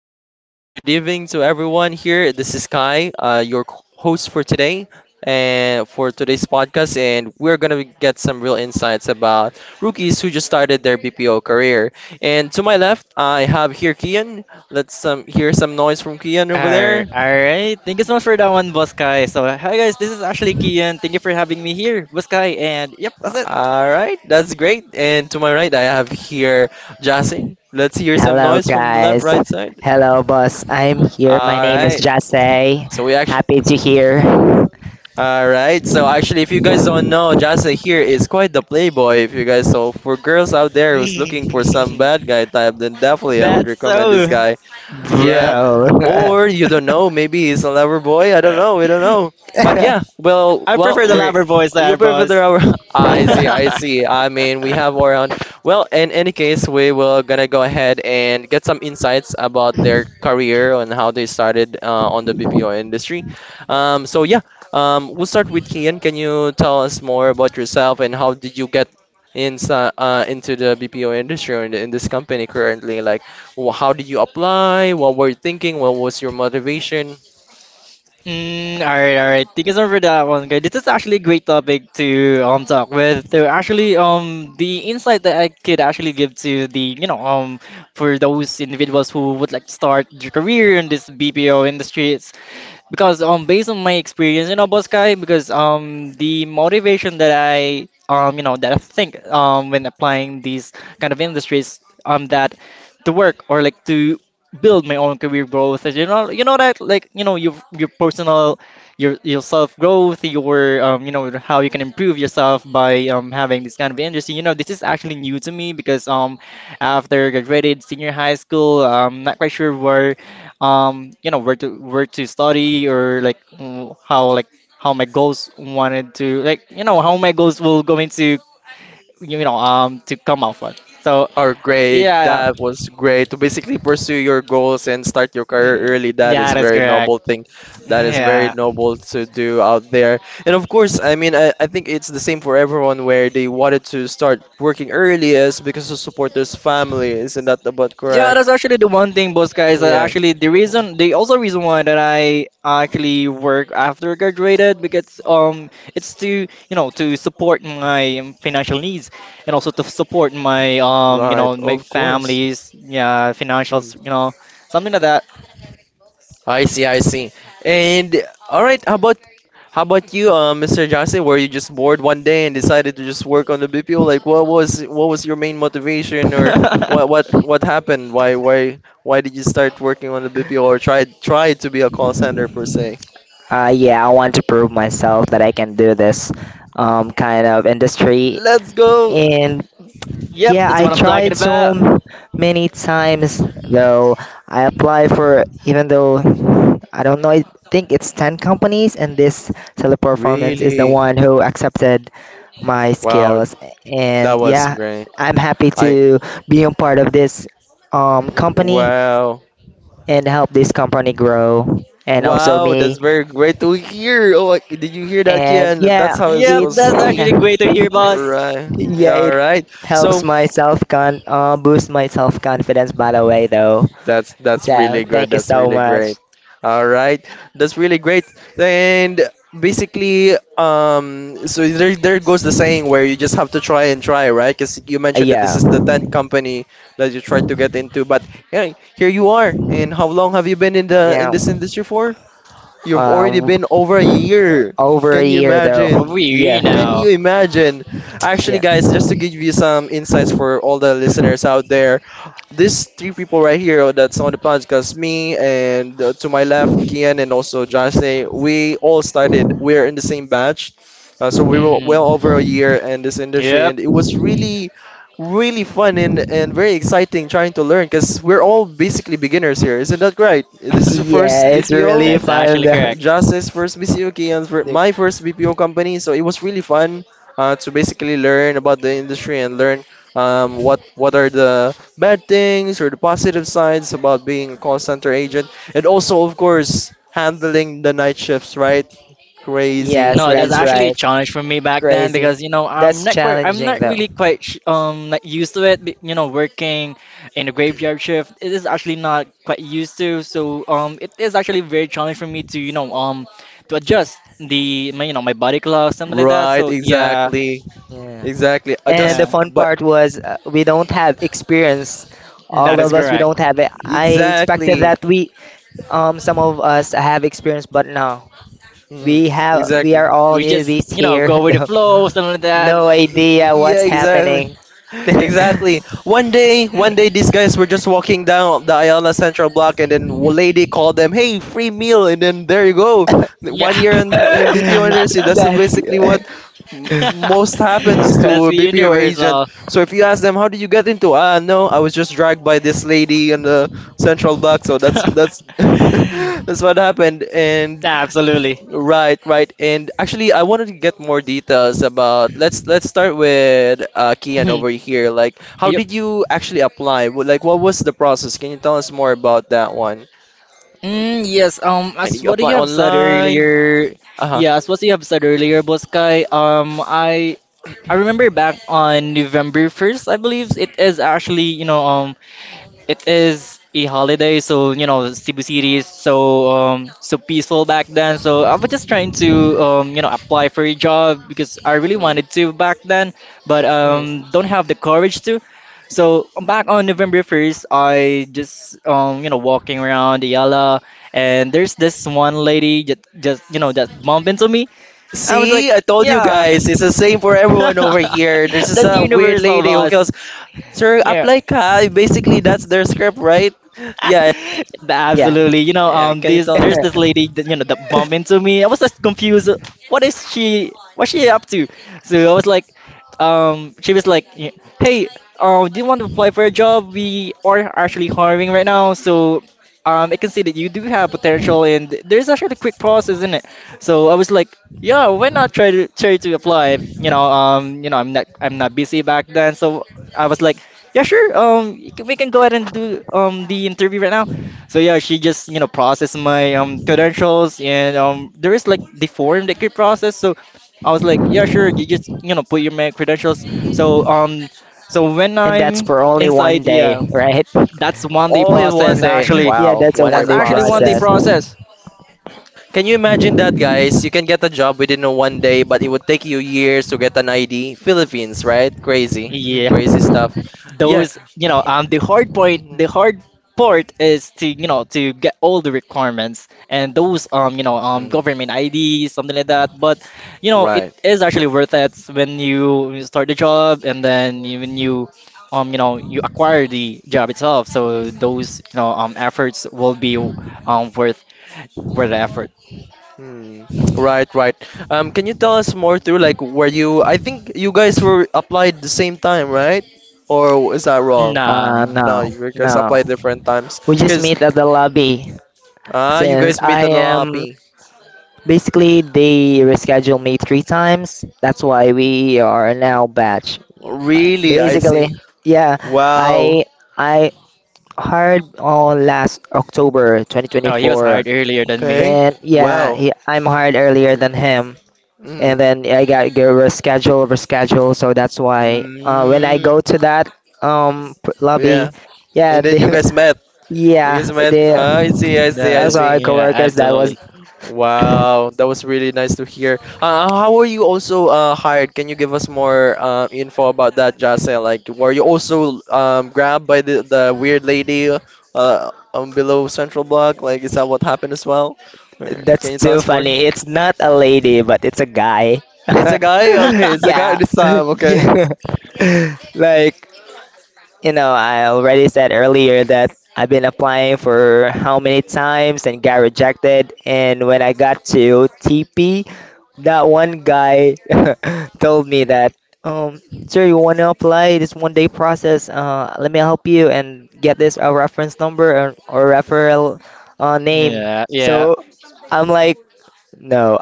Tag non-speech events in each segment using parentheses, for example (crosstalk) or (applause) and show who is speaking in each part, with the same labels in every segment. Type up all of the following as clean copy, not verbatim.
Speaker 1: Good evening to everyone here. This is Kai, your host for today and for today's podcast, and we're gonna get some real insights about rookies who just started their BPO career. And to my left, I have here Kian. Let's hear some noise from Kian over
Speaker 2: All
Speaker 1: there.
Speaker 2: right. Thank you so much for that one, Boss Kai. So, hi guys, this is actually Kian. Thank you for having me here, Boss Kai. And yep, that's
Speaker 1: All right, that's great. And to my right, I have here Jassy. Let's hear some
Speaker 3: Hello,
Speaker 1: noise from the left,
Speaker 3: guys.
Speaker 1: right side.
Speaker 3: Hello, boss. I'm here. My
Speaker 1: All
Speaker 3: name is
Speaker 1: right.
Speaker 3: Jase.
Speaker 1: So we
Speaker 3: Happy
Speaker 1: actually.
Speaker 3: to hear.
Speaker 1: All right. So actually, if you guys don't know, Jasa here is quite the playboy. If you guys so for girls out there who's looking for some
Speaker 2: it. (laughs)
Speaker 1: bad guy type, then definitely I would
Speaker 2: That's
Speaker 1: recommend this
Speaker 2: so.
Speaker 1: guy. (laughs)
Speaker 2: Yep.
Speaker 1: Yeah.
Speaker 3: Bro. (laughs)
Speaker 1: Or you
Speaker 2: (laughs)
Speaker 1: don't know, maybe he's a lover boy. I don't know. We don't know. But
Speaker 3: uh,
Speaker 1: yeah,
Speaker 2: I prefer the
Speaker 1: we're
Speaker 2: lover voice
Speaker 1: you
Speaker 2: there,
Speaker 1: prefer the
Speaker 2: boss.
Speaker 1: our. (laughs)
Speaker 2: (laughs)
Speaker 1: I see. I see. I mean, we have around. Well, in any case, we will gonna go ahead and get some insights about their career and how they started on the BPO industry. So we'll start with Kian. Can you tell us more about yourself and how did you get inside, into the BPO industry or in this company currently, like how did you apply? What were you thinking? What was your motivation?
Speaker 2: Mm, all right, all right. Thank you so much for that one, guys. This is actually a great topic to talk with. So actually, the insight that I could actually give to the for those individuals who would like to start their career in this BPO industry, because based on my experience in Oboskai, because the motivation that I that I think when applying these kind of industries that to work or like to build my own career growth that like your personal your self growth your how you can improve yourself by having this kind of industry. This is actually new to me because after I graduated senior high school, I'm not quite sure where where to study or like how my goals wanted to like how my goals will going to to come out for so.
Speaker 1: Or great,
Speaker 2: Yeah,
Speaker 1: that was great. To basically pursue your goals and start your career early, that is
Speaker 2: yeah, that's
Speaker 1: very
Speaker 2: correct.
Speaker 1: noble thing.
Speaker 2: (laughs)
Speaker 1: That is very
Speaker 2: Yeah.
Speaker 1: noble to do out there. And of course, I mean, I think it's the same for everyone where they wanted to start working early is because to support their family. Isn't that about
Speaker 2: Yeah,
Speaker 1: correct?
Speaker 2: that's actually the one thing, boss guys. That
Speaker 1: Yeah,
Speaker 2: actually the reason, the also reason why that I actually work after I graduated because it's to to support my financial needs and also to support my
Speaker 1: right,
Speaker 2: my
Speaker 1: of course.
Speaker 2: family's yeah,
Speaker 1: Hmm.
Speaker 2: financials, something like that.
Speaker 1: I see, I see. And all right, how about you, Mr. Johnson? Were you just bored one day and decided to just work on the BPO? Like, what was your main motivation, or what
Speaker 2: (laughs)
Speaker 1: what what happened? Why did you start working on the BPO or tried to be a call center per se?
Speaker 3: yeah, I want to prove myself that I can do this kind of industry.
Speaker 1: Let's go.
Speaker 3: And
Speaker 2: Yep,
Speaker 3: yeah,
Speaker 2: that's
Speaker 3: I
Speaker 2: what I'm talking
Speaker 3: tried
Speaker 2: about.
Speaker 3: so many times, though. I applied for, even though I don't know, I think it's 10 companies, and this teleperformance is the
Speaker 1: Really?
Speaker 3: one who accepted my
Speaker 1: Wow,
Speaker 3: skills.
Speaker 1: that
Speaker 3: And
Speaker 1: was
Speaker 3: yeah,
Speaker 1: great.
Speaker 3: I'm happy
Speaker 1: I
Speaker 3: to be a part of this company
Speaker 1: wow.
Speaker 3: and help this company grow and also
Speaker 1: Wow,
Speaker 3: me.
Speaker 1: that's very great to hear. Oh, like, did you hear that,
Speaker 3: And
Speaker 1: Kian? That's
Speaker 3: yeah,
Speaker 1: how it's
Speaker 2: Yep,
Speaker 1: supposed
Speaker 3: it's
Speaker 1: to
Speaker 2: that's actually
Speaker 1: be.
Speaker 2: great to hear, boss.
Speaker 1: Right.
Speaker 3: (laughs) yeah,
Speaker 1: Yeah, all
Speaker 3: it
Speaker 1: right.
Speaker 3: helps
Speaker 1: So
Speaker 3: my self con boost my self confidence by the way though.
Speaker 1: that's
Speaker 3: So
Speaker 1: really good.
Speaker 3: thank you
Speaker 1: That's
Speaker 3: so
Speaker 1: really great.
Speaker 3: much.
Speaker 1: All right. That's really great. And basically, so there goes the saying where you just have to try and try, right? Because you mentioned that this
Speaker 3: Yeah.
Speaker 1: is the tenth company that you tried to get into, but yeah, here you are. And how long have you been in the in
Speaker 3: Yeah.
Speaker 1: this industry for? You've already
Speaker 3: Um
Speaker 1: been over a year.
Speaker 3: over a
Speaker 1: Can you
Speaker 3: year though.
Speaker 2: Oh,
Speaker 1: imagine?
Speaker 3: Yeah.
Speaker 2: we
Speaker 1: Can
Speaker 2: now.
Speaker 1: you imagine? Actually,
Speaker 3: Yeah.
Speaker 1: guys, just to give you some insights for all the listeners out there, these three people right here oh, that's on the podcast, me and to my left, Kian and also Jase, we're in the same batch. So we were
Speaker 2: Mm,
Speaker 1: well over a year in this industry,
Speaker 2: yep,
Speaker 1: and it was really fun and very exciting trying to learn because we're all basically beginners here. Isn't that right? This is your first
Speaker 3: Yeah, it's
Speaker 2: (laughs)
Speaker 1: BPO?
Speaker 3: really
Speaker 2: that's
Speaker 3: fun
Speaker 2: actually
Speaker 3: though.
Speaker 2: correct.
Speaker 1: Just his first BCOK and for my
Speaker 3: (laughs)
Speaker 1: first BPO company, so it was really fun to basically learn about the industry and learn what are the bad things or the positive sides about being a call center agent, and also of course handling the night shifts, right? Crazy,
Speaker 3: Yes,
Speaker 2: No, that's
Speaker 3: that's
Speaker 1: crazy.
Speaker 2: actually a
Speaker 3: right.
Speaker 2: challenge for me back then
Speaker 3: Crazy.
Speaker 2: because
Speaker 3: That's
Speaker 2: I'm
Speaker 3: challenging
Speaker 2: not
Speaker 3: though.
Speaker 2: really quite like used to it. Working in a graveyard shift, it is actually not quite used to. So it is actually very challenging for me to to adjust the my, my body clock something like that.
Speaker 1: Right,
Speaker 2: So yeah,
Speaker 1: exactly,
Speaker 3: Yeah.
Speaker 1: exactly. I
Speaker 3: And
Speaker 1: just
Speaker 3: the
Speaker 2: yeah,
Speaker 3: fun
Speaker 1: but
Speaker 3: part was we don't have experience.
Speaker 2: that
Speaker 3: All
Speaker 2: is
Speaker 3: of us, we
Speaker 2: correct.
Speaker 3: don't have it.
Speaker 1: mm,
Speaker 3: I expected
Speaker 1: exactly,
Speaker 3: that we, some of us have experience, but no.
Speaker 1: mm,
Speaker 3: We have, we
Speaker 1: exactly.
Speaker 3: are all
Speaker 2: We just
Speaker 3: newbies here.
Speaker 2: go
Speaker 3: (laughs)
Speaker 2: with the
Speaker 3: though.
Speaker 2: flow something like that.
Speaker 3: No
Speaker 1: Y-
Speaker 3: idea
Speaker 1: Yeah,
Speaker 3: what's
Speaker 1: exactly.
Speaker 3: happening. (laughs)
Speaker 1: Exactly. One day,
Speaker 2: (laughs)
Speaker 1: these guys were just walking down the Ayala Central Block, and then a lady called them, "Hey, free meal!" And then there you go,
Speaker 2: Yeah,
Speaker 1: one year in
Speaker 2: (laughs)
Speaker 1: BPO industry. That's
Speaker 3: That's, (laughs)
Speaker 1: basically what most happens
Speaker 2: that's
Speaker 1: to a
Speaker 2: the
Speaker 1: BPO agent.
Speaker 2: universal.
Speaker 1: So if you ask them, "How did you get into?" Ah, no, I was just dragged by this lady in the Central Block. So that's (laughs)
Speaker 2: (laughs)
Speaker 1: that's what happened. And
Speaker 2: Absolutely.
Speaker 1: right, right. And actually, I wanted to get more details about let's start with Kian
Speaker 2: Mhm.
Speaker 1: over here. Like, how
Speaker 2: Yep.
Speaker 1: did you actually apply? Like, what was the process? Can you tell us more about that one?
Speaker 2: Mm, yes.
Speaker 1: Like, did
Speaker 2: As
Speaker 1: you
Speaker 2: what
Speaker 1: apply
Speaker 2: you have said
Speaker 1: online?
Speaker 2: earlier,
Speaker 1: Uh-huh.
Speaker 2: yeah, as what you have said earlier, Boskai. I remember back on November 1st, I believe it is actually it is a holiday, so you know Cebu City is so so peaceful back then. So I was just trying to apply for a job because I really
Speaker 1: Mm,
Speaker 2: wanted to back then, but
Speaker 1: mm.
Speaker 2: don't have the courage to. So back on November 1st, I just walking around Ayala, and there's this one lady just that bumped into me, and I was like,
Speaker 1: See, I told you
Speaker 2: yeah,
Speaker 1: guys, it's the same for everyone over here. There's
Speaker 2: (laughs)
Speaker 1: just
Speaker 2: that's
Speaker 1: a weird
Speaker 2: universal,
Speaker 1: lady who
Speaker 2: boss.
Speaker 1: goes, "Sir, apply ka." Basically, that's their script, right? Yeah,
Speaker 2: (laughs)
Speaker 3: yeah.
Speaker 2: Absolutely.
Speaker 1: yeah. Can you
Speaker 2: This
Speaker 1: tell us
Speaker 2: there's this
Speaker 3: (laughs)
Speaker 2: lady that that bumped into me. I was just confused. What is she? What's she up to? So I was like, she was like, hey, do you want to apply for a job? We are actually hiring right now, so I can see that you do have potential, and there's actually a quick process isn't it. So I was like, yeah, why not try to apply? I'm not busy back then, so I was like. Yeah, sure. We can go ahead and do the interview right now. So yeah, she just processed my credentials and there is like the form that could process. So I was like, yeah, sure. You just put your my credentials. So when
Speaker 3: And that's
Speaker 2: I'm
Speaker 3: for only one
Speaker 2: inside,
Speaker 3: day,
Speaker 2: yeah,
Speaker 3: right?
Speaker 2: that's one day
Speaker 1: all in one
Speaker 2: process
Speaker 1: day?
Speaker 2: actually.
Speaker 3: (laughs) Yeah,
Speaker 1: Wow,
Speaker 3: that's a
Speaker 1: one day
Speaker 2: That's
Speaker 3: one day
Speaker 2: actually one day
Speaker 1: process.
Speaker 3: process.
Speaker 2: process.
Speaker 1: Can you imagine that, guys? You can get a job within a one day, but it would take you years to get an ID. Philippines, right? Crazy,
Speaker 2: Yeah.
Speaker 3: Mm.
Speaker 1: crazy stuff. Yeah.
Speaker 2: Those the hard part is to to get all the requirements and those
Speaker 1: Mm,
Speaker 2: government ID something like that, but it
Speaker 1: right.
Speaker 2: is actually worth it when you start the job and then when you acquire the job itself, so
Speaker 1: Mm,
Speaker 2: those efforts will be um worth worth the effort.
Speaker 1: mm. Right, right. Can you tell us more through like were you? I think you guys were applied the same time, right? Or is that wrong?
Speaker 2: Nah,
Speaker 1: No,
Speaker 3: No,
Speaker 1: you guys
Speaker 3: no.
Speaker 1: applied different times.
Speaker 3: We just
Speaker 1: Cause
Speaker 3: meet at the lobby.
Speaker 1: ah, you
Speaker 3: Since
Speaker 1: guys meet
Speaker 3: I
Speaker 1: at the
Speaker 3: am
Speaker 1: lobby.
Speaker 3: basically they reschedule me three times, that's why we are now batch.
Speaker 1: Really, I see.
Speaker 3: Basically, yeah,
Speaker 1: Wow.
Speaker 3: I I hired on last October
Speaker 2: no, he was
Speaker 3: 2024.
Speaker 2: hired earlier than me.
Speaker 1: Okay.
Speaker 3: Then yeah,
Speaker 1: Wow.
Speaker 3: he, I'm hired earlier than him, and
Speaker 1: Mm.
Speaker 3: then I got get rescheduled, rescheduled. So that's why when I
Speaker 1: Mm.
Speaker 3: go to that lobby,
Speaker 1: Yeah.
Speaker 3: yeah, (laughs)
Speaker 1: And then you
Speaker 3: they
Speaker 1: guys met. You
Speaker 3: Yeah,
Speaker 1: guys met.
Speaker 3: they
Speaker 1: Ah,
Speaker 2: That
Speaker 1: I
Speaker 3: those
Speaker 2: is,
Speaker 3: are our
Speaker 1: see.
Speaker 2: yeah,
Speaker 3: coworkers. That
Speaker 2: absolutely.
Speaker 3: was (coughs)
Speaker 1: Wow,
Speaker 3: (clears throat)
Speaker 1: that was really nice to hear. How were you also hired? Can you give us more info about that, Jasa? Like, were you also grabbed by the weird lady below Central Block? Like, is that what happened as well? Can
Speaker 3: that's
Speaker 1: you tell
Speaker 3: too
Speaker 1: us more?
Speaker 3: funny. It's not a lady, but it's a guy.
Speaker 1: It's a guy?
Speaker 3: (laughs)
Speaker 1: Okay, it's a guy
Speaker 3: Yeah,
Speaker 1: this
Speaker 3: (laughs)
Speaker 1: time, okay.
Speaker 3: yeah. (laughs) Like you know, I already said earlier that I've been applying for how many times and got rejected. And when I got to TP, that one guy (laughs) told me that, um, sir, you want to apply this one day process? Let me help you and get this a reference number or referral name.
Speaker 2: Yeah, yeah.
Speaker 3: So I'm like, no,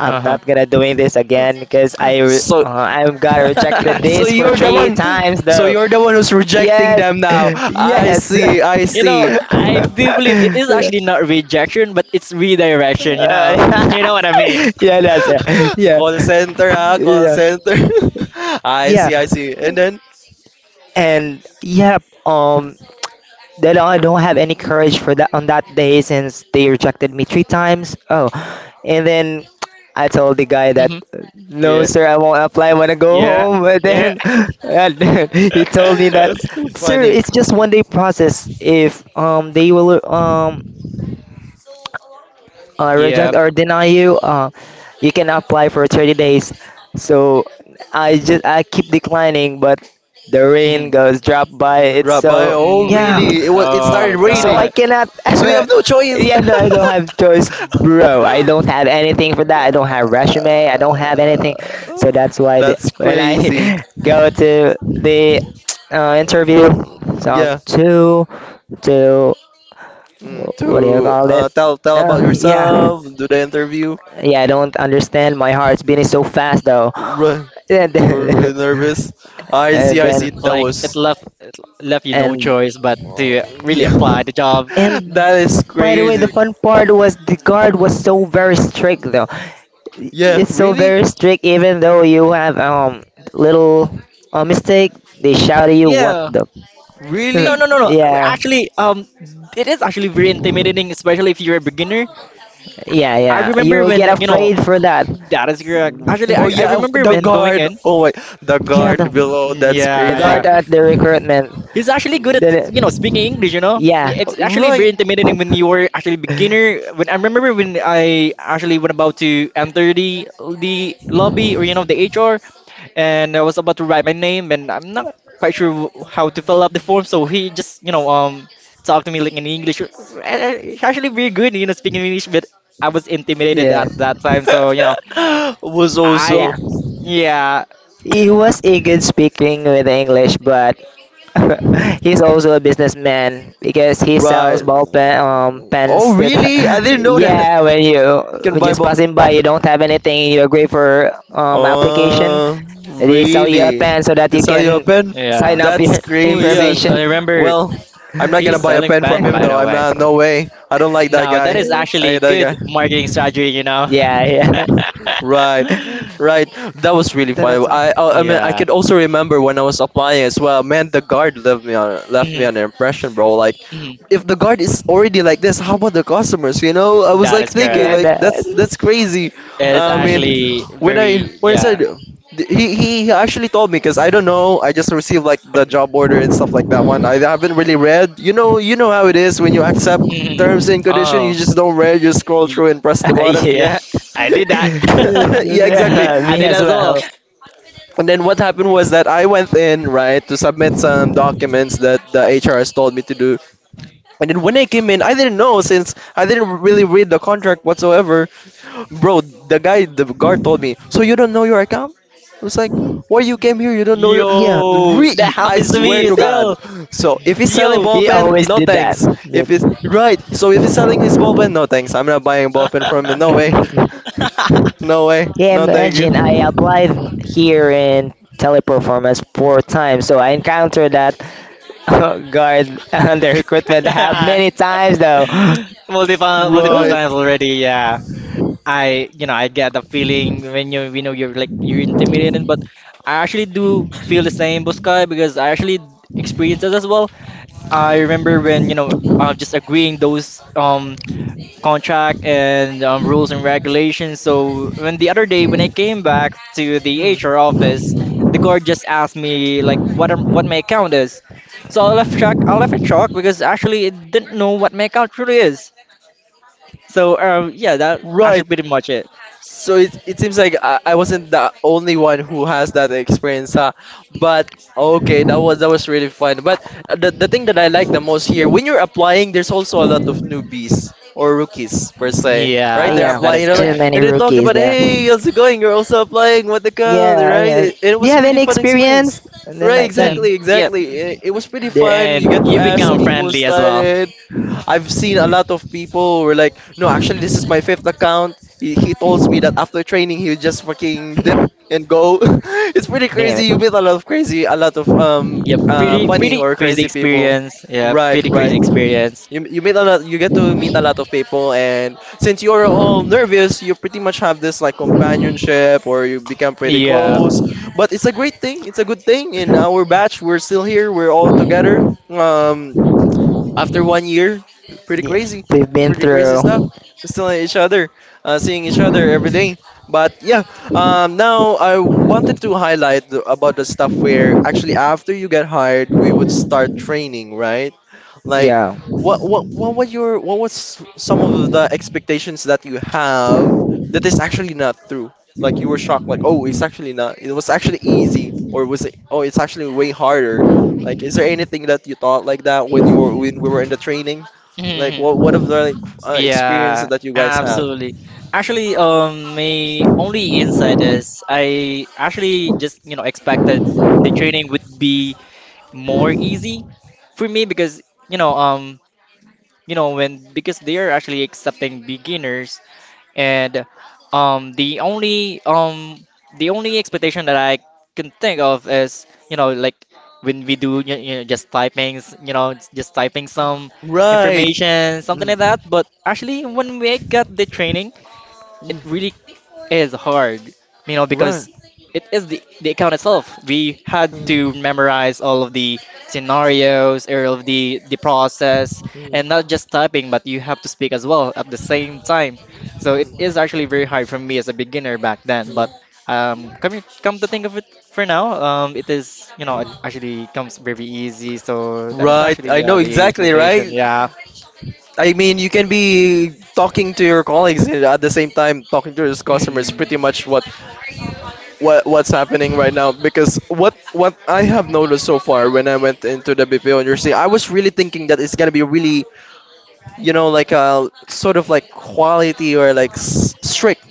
Speaker 3: I'm
Speaker 2: Uh-huh.
Speaker 3: not gonna doing this again because
Speaker 1: So,
Speaker 3: I got rejected
Speaker 2: (laughs)
Speaker 1: So
Speaker 3: this for
Speaker 1: you're the
Speaker 3: three
Speaker 1: one.
Speaker 3: times
Speaker 1: So
Speaker 3: though.
Speaker 1: you're the one who's rejecting
Speaker 3: Yes,
Speaker 1: them now.
Speaker 3: (laughs)
Speaker 1: I
Speaker 3: yes.
Speaker 1: see. I
Speaker 3: (laughs)
Speaker 1: see.
Speaker 2: I do believe it is
Speaker 3: Yeah.
Speaker 2: actually not rejection, but it's redirection. (laughs) You
Speaker 3: Uh,
Speaker 2: know what I
Speaker 3: (laughs)
Speaker 2: mean?
Speaker 3: yeah, that's it. Yeah,
Speaker 1: Call center, huh? Call
Speaker 3: yeah,
Speaker 1: center. (laughs) I
Speaker 3: yeah,
Speaker 1: see. I see. And then
Speaker 3: and yeah. Um, that I don't have any courage for that on that day since they rejected me three times. Oh, and then I told the guy that
Speaker 2: Hmm.
Speaker 3: no,
Speaker 2: Yeah,
Speaker 3: sir, I won't apply. I wanna go
Speaker 2: yeah,
Speaker 3: home. But
Speaker 2: yeah,
Speaker 3: then, (laughs) and then he told me that,
Speaker 1: that's too
Speaker 2: (laughs)
Speaker 3: sir,
Speaker 1: funny.
Speaker 3: it's just one day process. If they will
Speaker 2: yeah.
Speaker 3: reject or deny you, you can apply for 30 days. So I just I keep declining, but the rain
Speaker 2: Mhm.
Speaker 3: goes drop by. It's
Speaker 1: Drop by.
Speaker 3: so
Speaker 1: Oh,
Speaker 3: yeah.
Speaker 2: Mm.
Speaker 1: really? It was. It started
Speaker 2: Oh
Speaker 3: So I
Speaker 1: raining.
Speaker 2: God!
Speaker 3: cannot.
Speaker 1: So you
Speaker 3: (laughs)
Speaker 1: have no choice.
Speaker 3: Yeah, no, I don't have choice, bro. I don't have anything for that. I don't have resume. I don't have anything. So that's
Speaker 1: (laughs)
Speaker 3: why the,
Speaker 1: that's
Speaker 3: when I
Speaker 1: crazy.
Speaker 3: (laughs) go to the interview,
Speaker 1: Mm,
Speaker 3: so I'm
Speaker 1: yeah.
Speaker 3: too, too.
Speaker 1: Mm,
Speaker 3: What do you
Speaker 1: to
Speaker 3: call it?
Speaker 1: tell tell about
Speaker 3: Yeah.
Speaker 1: yourself. Do the interview.
Speaker 3: Yeah, I don't understand. My heart's beating so fast though.
Speaker 1: Right.
Speaker 3: (laughs) And
Speaker 1: You were
Speaker 3: then
Speaker 1: really nervous.
Speaker 3: (laughs)
Speaker 1: I
Speaker 3: and
Speaker 1: see, I see.
Speaker 3: then-
Speaker 1: That
Speaker 2: Like it
Speaker 1: was.
Speaker 2: left it left you no
Speaker 3: and
Speaker 2: choice but to really
Speaker 1: Yeah.
Speaker 2: apply the job.
Speaker 1: (laughs)
Speaker 3: and
Speaker 1: That is
Speaker 3: by the way, the
Speaker 1: crazy.
Speaker 3: fun part was the guard was so very strict though.
Speaker 1: Yeah,
Speaker 3: It's so
Speaker 1: really?
Speaker 3: very strict even though you have little mistake, they shout at you what
Speaker 2: Yeah.
Speaker 3: the
Speaker 2: No,
Speaker 1: Really?
Speaker 2: no, no,
Speaker 3: (laughs)
Speaker 2: no.
Speaker 3: Yeah.
Speaker 2: Actually, it is actually very intimidating, especially if you're a beginner.
Speaker 3: Yeah,
Speaker 2: I
Speaker 3: yeah.
Speaker 2: remember
Speaker 3: You'll get
Speaker 2: when
Speaker 3: afraid for that.
Speaker 2: that is correct. Actually,
Speaker 1: Oh,
Speaker 2: I
Speaker 1: yeah,
Speaker 2: remember
Speaker 3: (laughs)
Speaker 1: the
Speaker 3: Then
Speaker 2: when going
Speaker 1: guard.
Speaker 2: in.
Speaker 1: Oh, my. The
Speaker 3: yeah, the
Speaker 1: guard below.
Speaker 2: Mm,
Speaker 1: That's
Speaker 3: the
Speaker 2: yeah, yeah.
Speaker 1: crazy.
Speaker 3: guard at the recruitment.
Speaker 2: He's actually good at
Speaker 1: Y-
Speaker 3: Then it-
Speaker 2: speaking English.
Speaker 3: yeah.
Speaker 2: Yeah, it's actually very
Speaker 1: Right.
Speaker 2: intimidating when you were actually
Speaker 3: (laughs)
Speaker 2: beginner. When I remember when I actually went about to enter the lobby or the HR, and I was about to write my name, and I'm not quite sure how to fill out the form. So he just talked to me like in English. He's actually very good, speaking English, but I was intimidated
Speaker 3: Yeah.
Speaker 2: at that time. So
Speaker 1: (laughs) Was
Speaker 2: I
Speaker 1: also.
Speaker 3: Yeah.
Speaker 2: yeah
Speaker 3: He was a good speaking with English, but (laughs) he's also a businessman because he sells
Speaker 1: Right.
Speaker 3: ball pen,
Speaker 1: Oh,
Speaker 3: pens to the,
Speaker 1: really? I didn't
Speaker 3: (laughs)
Speaker 1: know that.
Speaker 3: yeah, when you
Speaker 1: Can
Speaker 3: when
Speaker 1: buy
Speaker 3: just
Speaker 1: both.
Speaker 3: passing by, you don't have anything, you agree for application,
Speaker 1: Oh,
Speaker 3: they sell you a
Speaker 1: really?
Speaker 3: pen so that you
Speaker 1: This how you
Speaker 3: can
Speaker 1: open?
Speaker 3: sign
Speaker 2: yeah.
Speaker 3: up
Speaker 1: That's
Speaker 3: your (laughs)
Speaker 2: Oh
Speaker 1: crazy.
Speaker 2: yes, I
Speaker 3: information. (laughs)
Speaker 2: remember.
Speaker 1: Well, I'm not
Speaker 2: He's
Speaker 1: gonna buy a
Speaker 2: selling
Speaker 1: pen from
Speaker 2: pan,
Speaker 1: him
Speaker 2: by
Speaker 1: though.
Speaker 2: the
Speaker 1: I'm
Speaker 2: way.
Speaker 1: not. No way. I don't like that
Speaker 2: Now, that
Speaker 1: guy.
Speaker 2: is
Speaker 1: I
Speaker 2: actually
Speaker 1: hate that
Speaker 2: good
Speaker 1: guy.
Speaker 2: marketing strategy.
Speaker 3: Yeah, yeah.
Speaker 1: Right,
Speaker 3: (laughs)
Speaker 1: right.
Speaker 2: (laughs)
Speaker 1: That was really fun.
Speaker 3: That's all.
Speaker 1: I mean, I
Speaker 2: Yeah.
Speaker 1: could also remember when I was applying as well. Man, the guard left me on left me
Speaker 2: Mhm,
Speaker 1: on an impression, bro. Like,
Speaker 2: mhm.
Speaker 1: if the guard is already like this, how about the customers? You know, I was
Speaker 2: That
Speaker 1: like
Speaker 2: is
Speaker 1: thinking,
Speaker 3: Yeah,
Speaker 2: correct.
Speaker 1: like
Speaker 3: that,
Speaker 1: that's crazy.
Speaker 2: It is
Speaker 1: I mean,
Speaker 2: actually
Speaker 1: when I
Speaker 2: very,
Speaker 1: when I said
Speaker 2: yeah.
Speaker 1: he actually told me because I don't know. I just received like the job order and stuff like that one. I haven't really read. You know how it is when you accept
Speaker 2: Mhm.
Speaker 1: terms and condition.
Speaker 2: Oh,
Speaker 1: You just don't read. You scroll
Speaker 2: y-
Speaker 1: through and press the
Speaker 3: (laughs)
Speaker 1: button.
Speaker 3: yeah.
Speaker 2: yeah, (laughs)
Speaker 1: (laughs)
Speaker 2: I did that.
Speaker 1: (coughs) yeah, exactly.
Speaker 2: (laughs)
Speaker 3: (laughs)
Speaker 2: I
Speaker 3: Me
Speaker 2: did that
Speaker 3: as
Speaker 2: as well.
Speaker 3: well.
Speaker 1: And then what happened was that I went in, right, to submit some documents that the HR has told me to do. And then when I came in, I didn't know since I didn't really read the contract whatsoever. Bro, the guy, the guard told me, so you don't know your account? I was like, why you came here? You don't know your.
Speaker 3: Yeah.
Speaker 2: Yo,
Speaker 1: Re-
Speaker 2: that
Speaker 1: I
Speaker 2: happens to me
Speaker 1: swear
Speaker 2: as
Speaker 1: to God.
Speaker 2: well.
Speaker 1: So if he's selling
Speaker 2: Yo.
Speaker 1: ball
Speaker 3: He
Speaker 1: pen,
Speaker 3: always
Speaker 1: no
Speaker 3: did that.
Speaker 1: thanks. If he's. Right. So if he's selling his ball pen, no thanks. I'm not buying a ball pen from him.
Speaker 2: (laughs)
Speaker 1: No way.
Speaker 3: (laughs)
Speaker 1: No way.
Speaker 3: Yeah,
Speaker 1: No thank
Speaker 3: imagine I
Speaker 1: you.
Speaker 3: applied here in teleperformance four times, so I encountered that (laughs) guard under recruitment hub many times though. (gasps)
Speaker 2: Multiple
Speaker 1: Right.
Speaker 2: times already, yeah. I get the feeling when you're like you're intimidated, but I actually do feel the same, Buskai, because I actually experienced that as well. I remember when, just agreeing those contract and rules and regulations. So when the other day when I came back to the
Speaker 1: Mhm.
Speaker 2: HR office, the guard just asked me like what my account is. So I left shock. I left in shock because actually I didn't know what my account really is. So yeah, that actually
Speaker 1: Right.
Speaker 2: pretty much it.
Speaker 1: So it seems like I wasn't the only one who has that experience, huh? But okay, that was really fun. But the thing that I like the most here, when you're applying, there's also a lot of newbies or rookies per se, right? They're
Speaker 2: Yes,
Speaker 3: Yeah,
Speaker 2: that is
Speaker 1: applying, they're
Speaker 3: too
Speaker 1: like,
Speaker 2: correct.
Speaker 3: many
Speaker 1: and they talked
Speaker 3: rookies
Speaker 1: about,
Speaker 3: there.
Speaker 1: hey, how's it going? You're also applying, what the hell,
Speaker 3: Yeah,
Speaker 1: right?
Speaker 3: yeah.
Speaker 1: It
Speaker 3: Do you
Speaker 1: was a
Speaker 3: have
Speaker 1: really
Speaker 3: any
Speaker 1: fun experience.
Speaker 3: experience? And then
Speaker 1: Right,
Speaker 3: like that.
Speaker 2: Mm,
Speaker 1: exactly,
Speaker 2: yep.
Speaker 1: exactly. It was pretty
Speaker 3: There-
Speaker 1: fun. You
Speaker 2: And
Speaker 1: get to
Speaker 2: you
Speaker 1: ask
Speaker 2: become
Speaker 1: people
Speaker 2: friendly as well.
Speaker 1: started. I've seen a lot of people who were like, no, actually, this is my fifth account. He told me that after training, he would just fucking dip
Speaker 3: (laughs)
Speaker 1: and go. (laughs) it's pretty
Speaker 3: Damn
Speaker 1: crazy. You
Speaker 3: it.
Speaker 1: meet a lot of crazy, a lot of
Speaker 2: Yep. Pretty
Speaker 1: funny
Speaker 2: pretty
Speaker 1: or
Speaker 2: crazy
Speaker 1: crazy people.
Speaker 2: experience. Yeah,
Speaker 1: Right,
Speaker 2: pretty
Speaker 1: right.
Speaker 2: crazy experience.
Speaker 1: You meet a lot. You get to meet a lot of people, and since you're all nervous, you pretty much have this like companionship, or you become pretty
Speaker 2: Yeah.
Speaker 1: close. But it's a great thing. It's a good thing. In our batch, we're still here. We're all together. Um, After one year, it's pretty
Speaker 3: Yeah,
Speaker 1: crazy.
Speaker 3: we've
Speaker 1: It's
Speaker 3: been
Speaker 1: pretty crazy stuff.
Speaker 3: through.
Speaker 1: We're still at each other, seeing each other every day. But yeah, now I wanted to highlight about the stuff where actually after you get hired, we would start training, right? Like,
Speaker 3: Yeah.
Speaker 1: what were your what was some of the expectations that you have that is actually not true? Like you were shocked, like, oh, it's actually not. It was actually easy. Or was it? Oh, it's actually way harder. Like, is there anything that you thought like that when you were when we were in the training? Like,
Speaker 2: Mhm.
Speaker 1: what of the like experiences
Speaker 2: Yeah,
Speaker 1: that you guys have?
Speaker 2: absolutely. Actually, my only insight is I actually just, expected the training would be more easy for me because, you know, um when because they are actually accepting beginners, and um the only um the only expectation that I can think of is like when we do just typing just typing some
Speaker 1: Right.
Speaker 2: information something like
Speaker 1: Mm.
Speaker 2: that. But actually when we got the training, it
Speaker 1: Mm.
Speaker 2: really is hard,
Speaker 1: Right.
Speaker 2: because it is the account itself. We had
Speaker 1: Mm. Mm.
Speaker 2: to
Speaker 1: Mm.
Speaker 2: memorize all of the scenarios, all of the process, and not just typing, but you have to speak as well at the same time. So it is actually very hard for me as a beginner back then,
Speaker 1: Mm.
Speaker 2: but come to think of it for now, it is, it
Speaker 1: Mm.
Speaker 2: actually comes very easy. So that is
Speaker 1: Right.
Speaker 2: actually,
Speaker 1: I
Speaker 2: yeah,
Speaker 1: know
Speaker 2: the
Speaker 1: exactly.
Speaker 2: expectation.
Speaker 1: Right.
Speaker 2: Yeah.
Speaker 1: I mean, you can be talking to your colleagues and at the same time talking to your customers.
Speaker 2: Mm.
Speaker 1: Pretty
Speaker 2: Mm,
Speaker 1: much what's happening right now, because what I have noticed so far when I went into the BPO industry, I was really thinking that it's gonna be really, you know, like a sort of like quality or like strict.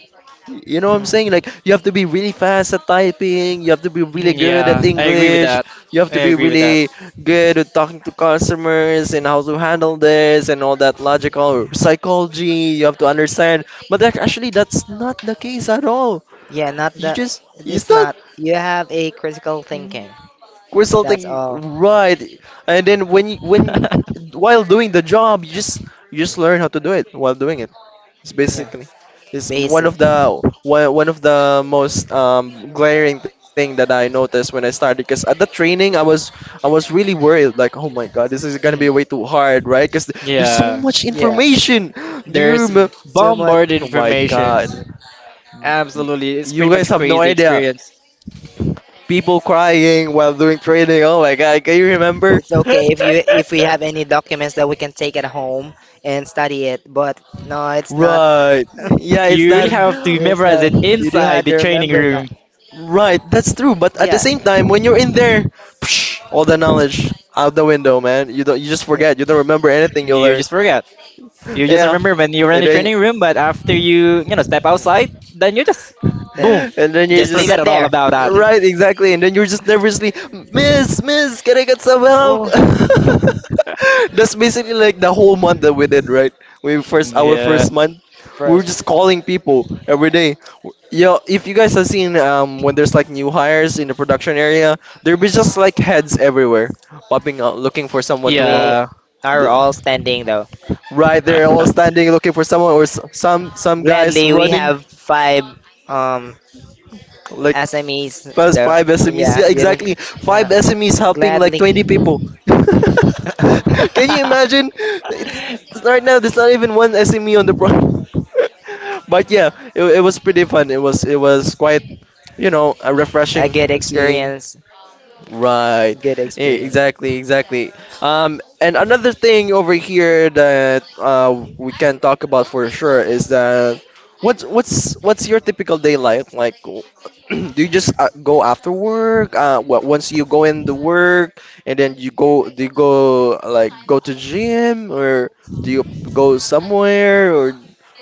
Speaker 1: You know what I'm saying? Like, you have to be really fast at typing. You have to be really good at
Speaker 2: yeah, I agree with
Speaker 1: English.
Speaker 2: that.
Speaker 1: You have to
Speaker 2: I
Speaker 1: be
Speaker 2: agree with that.
Speaker 1: really good at talking to customers and how to handle this, and all that logical or psychology you have to understand. But that, actually, that's not the case at all.
Speaker 3: Yeah, not
Speaker 1: You
Speaker 3: that
Speaker 1: just it's
Speaker 3: it's
Speaker 1: not.
Speaker 3: not. You have a critical thinking. That's
Speaker 1: Resulting
Speaker 3: all.
Speaker 1: right, and then when while doing the job, you just learn how to do it while doing it. It's
Speaker 3: Yeah,
Speaker 1: basically it's one of
Speaker 3: basic.
Speaker 1: the one of the most glaring thing that I noticed when I started, because at the training I was really worried, like, oh my god, this is gonna be way
Speaker 2: (laughs)
Speaker 1: too hard, right, because there's so
Speaker 2: Yeah,
Speaker 1: much
Speaker 3: Yeah,
Speaker 1: information. Do you
Speaker 2: there's
Speaker 1: remember?
Speaker 3: too much.
Speaker 2: bombarded
Speaker 1: Oh my god.
Speaker 2: informations.
Speaker 1: Y-
Speaker 2: Absolutely, it's
Speaker 1: you
Speaker 2: pretty
Speaker 1: guys
Speaker 2: much
Speaker 1: have no
Speaker 2: crazy
Speaker 1: idea.
Speaker 2: experience.
Speaker 1: People crying while doing training, oh my god, can you remember?
Speaker 3: It's okay if you
Speaker 2: (laughs)
Speaker 3: if we have any documents that we can take at home and study it. But no, it's not.
Speaker 1: Right.
Speaker 3: (laughs)
Speaker 1: Yeah, it's
Speaker 2: You really
Speaker 1: not.
Speaker 2: have to
Speaker 3: It's
Speaker 2: memorize
Speaker 3: not.
Speaker 2: it
Speaker 3: You do
Speaker 2: inside
Speaker 3: have
Speaker 2: the
Speaker 3: to
Speaker 2: training
Speaker 3: remember that.
Speaker 2: room.
Speaker 1: Right. That's true. But at the
Speaker 3: Yeah.
Speaker 1: same time, when you're in there, psh, all the
Speaker 3: Yeah.
Speaker 1: knowledge out the window, man. You don't. You just
Speaker 3: Yeah.
Speaker 1: forget. You don't remember anything you
Speaker 2: You
Speaker 1: learned.
Speaker 2: just forget. You just
Speaker 1: Yeah.
Speaker 2: remember when you were in
Speaker 1: And
Speaker 2: the
Speaker 1: then
Speaker 2: training room, but after step outside, then you just,
Speaker 3: Yeah.
Speaker 2: boom,
Speaker 1: and then
Speaker 2: you
Speaker 1: you're
Speaker 2: just
Speaker 3: Just leave
Speaker 1: just
Speaker 2: forget
Speaker 3: it
Speaker 2: it all
Speaker 3: there.
Speaker 2: about
Speaker 1: right,
Speaker 3: (laughs)
Speaker 1: exactly. And then you're just nervously, Miss, Miss, can I get some help?
Speaker 3: Oh,
Speaker 1: (laughs)
Speaker 2: that.
Speaker 1: That's basically like the whole month that we did, right? We
Speaker 2: (laughs)
Speaker 1: first our
Speaker 3: no,
Speaker 2: Yeah,
Speaker 1: first month, we were just
Speaker 3: first
Speaker 1: calling people every day. Yo, if you guys have seen when there's like new hires in the production area, there be just like heads everywhere, popping out looking for someone to call.
Speaker 3: we
Speaker 2: yeah.
Speaker 3: are
Speaker 1: The-
Speaker 3: all standing though.
Speaker 1: Right, they're all standing looking for someone, or some guys
Speaker 3: Gladly, we
Speaker 1: running
Speaker 3: have five um
Speaker 1: like
Speaker 3: SMEs.
Speaker 1: first
Speaker 3: The
Speaker 1: five SMEs.
Speaker 3: yeah,
Speaker 1: Yeah,
Speaker 3: you didn't,
Speaker 1: exactly.
Speaker 3: yeah.
Speaker 1: Five SMEs helping like
Speaker 3: Gladly,
Speaker 1: 20 people. (laughs)
Speaker 3: (laughs)
Speaker 1: Can you imagine? It's, it's
Speaker 2: (laughs)
Speaker 1: right now. There's not even one SME on the pro. (laughs) But yeah, it was pretty fun. It was quite, you know,
Speaker 3: a
Speaker 1: refreshing
Speaker 3: good
Speaker 1: to see.
Speaker 3: experience.
Speaker 1: Right.
Speaker 3: Good experience.
Speaker 1: Exactly, exactly. And another thing over here that we can talk about for sure is that what's your typical day like? Like, (clears throat) do you just go after work? What once you go in the work, and then you go, do you go like go to gym, or do you go somewhere or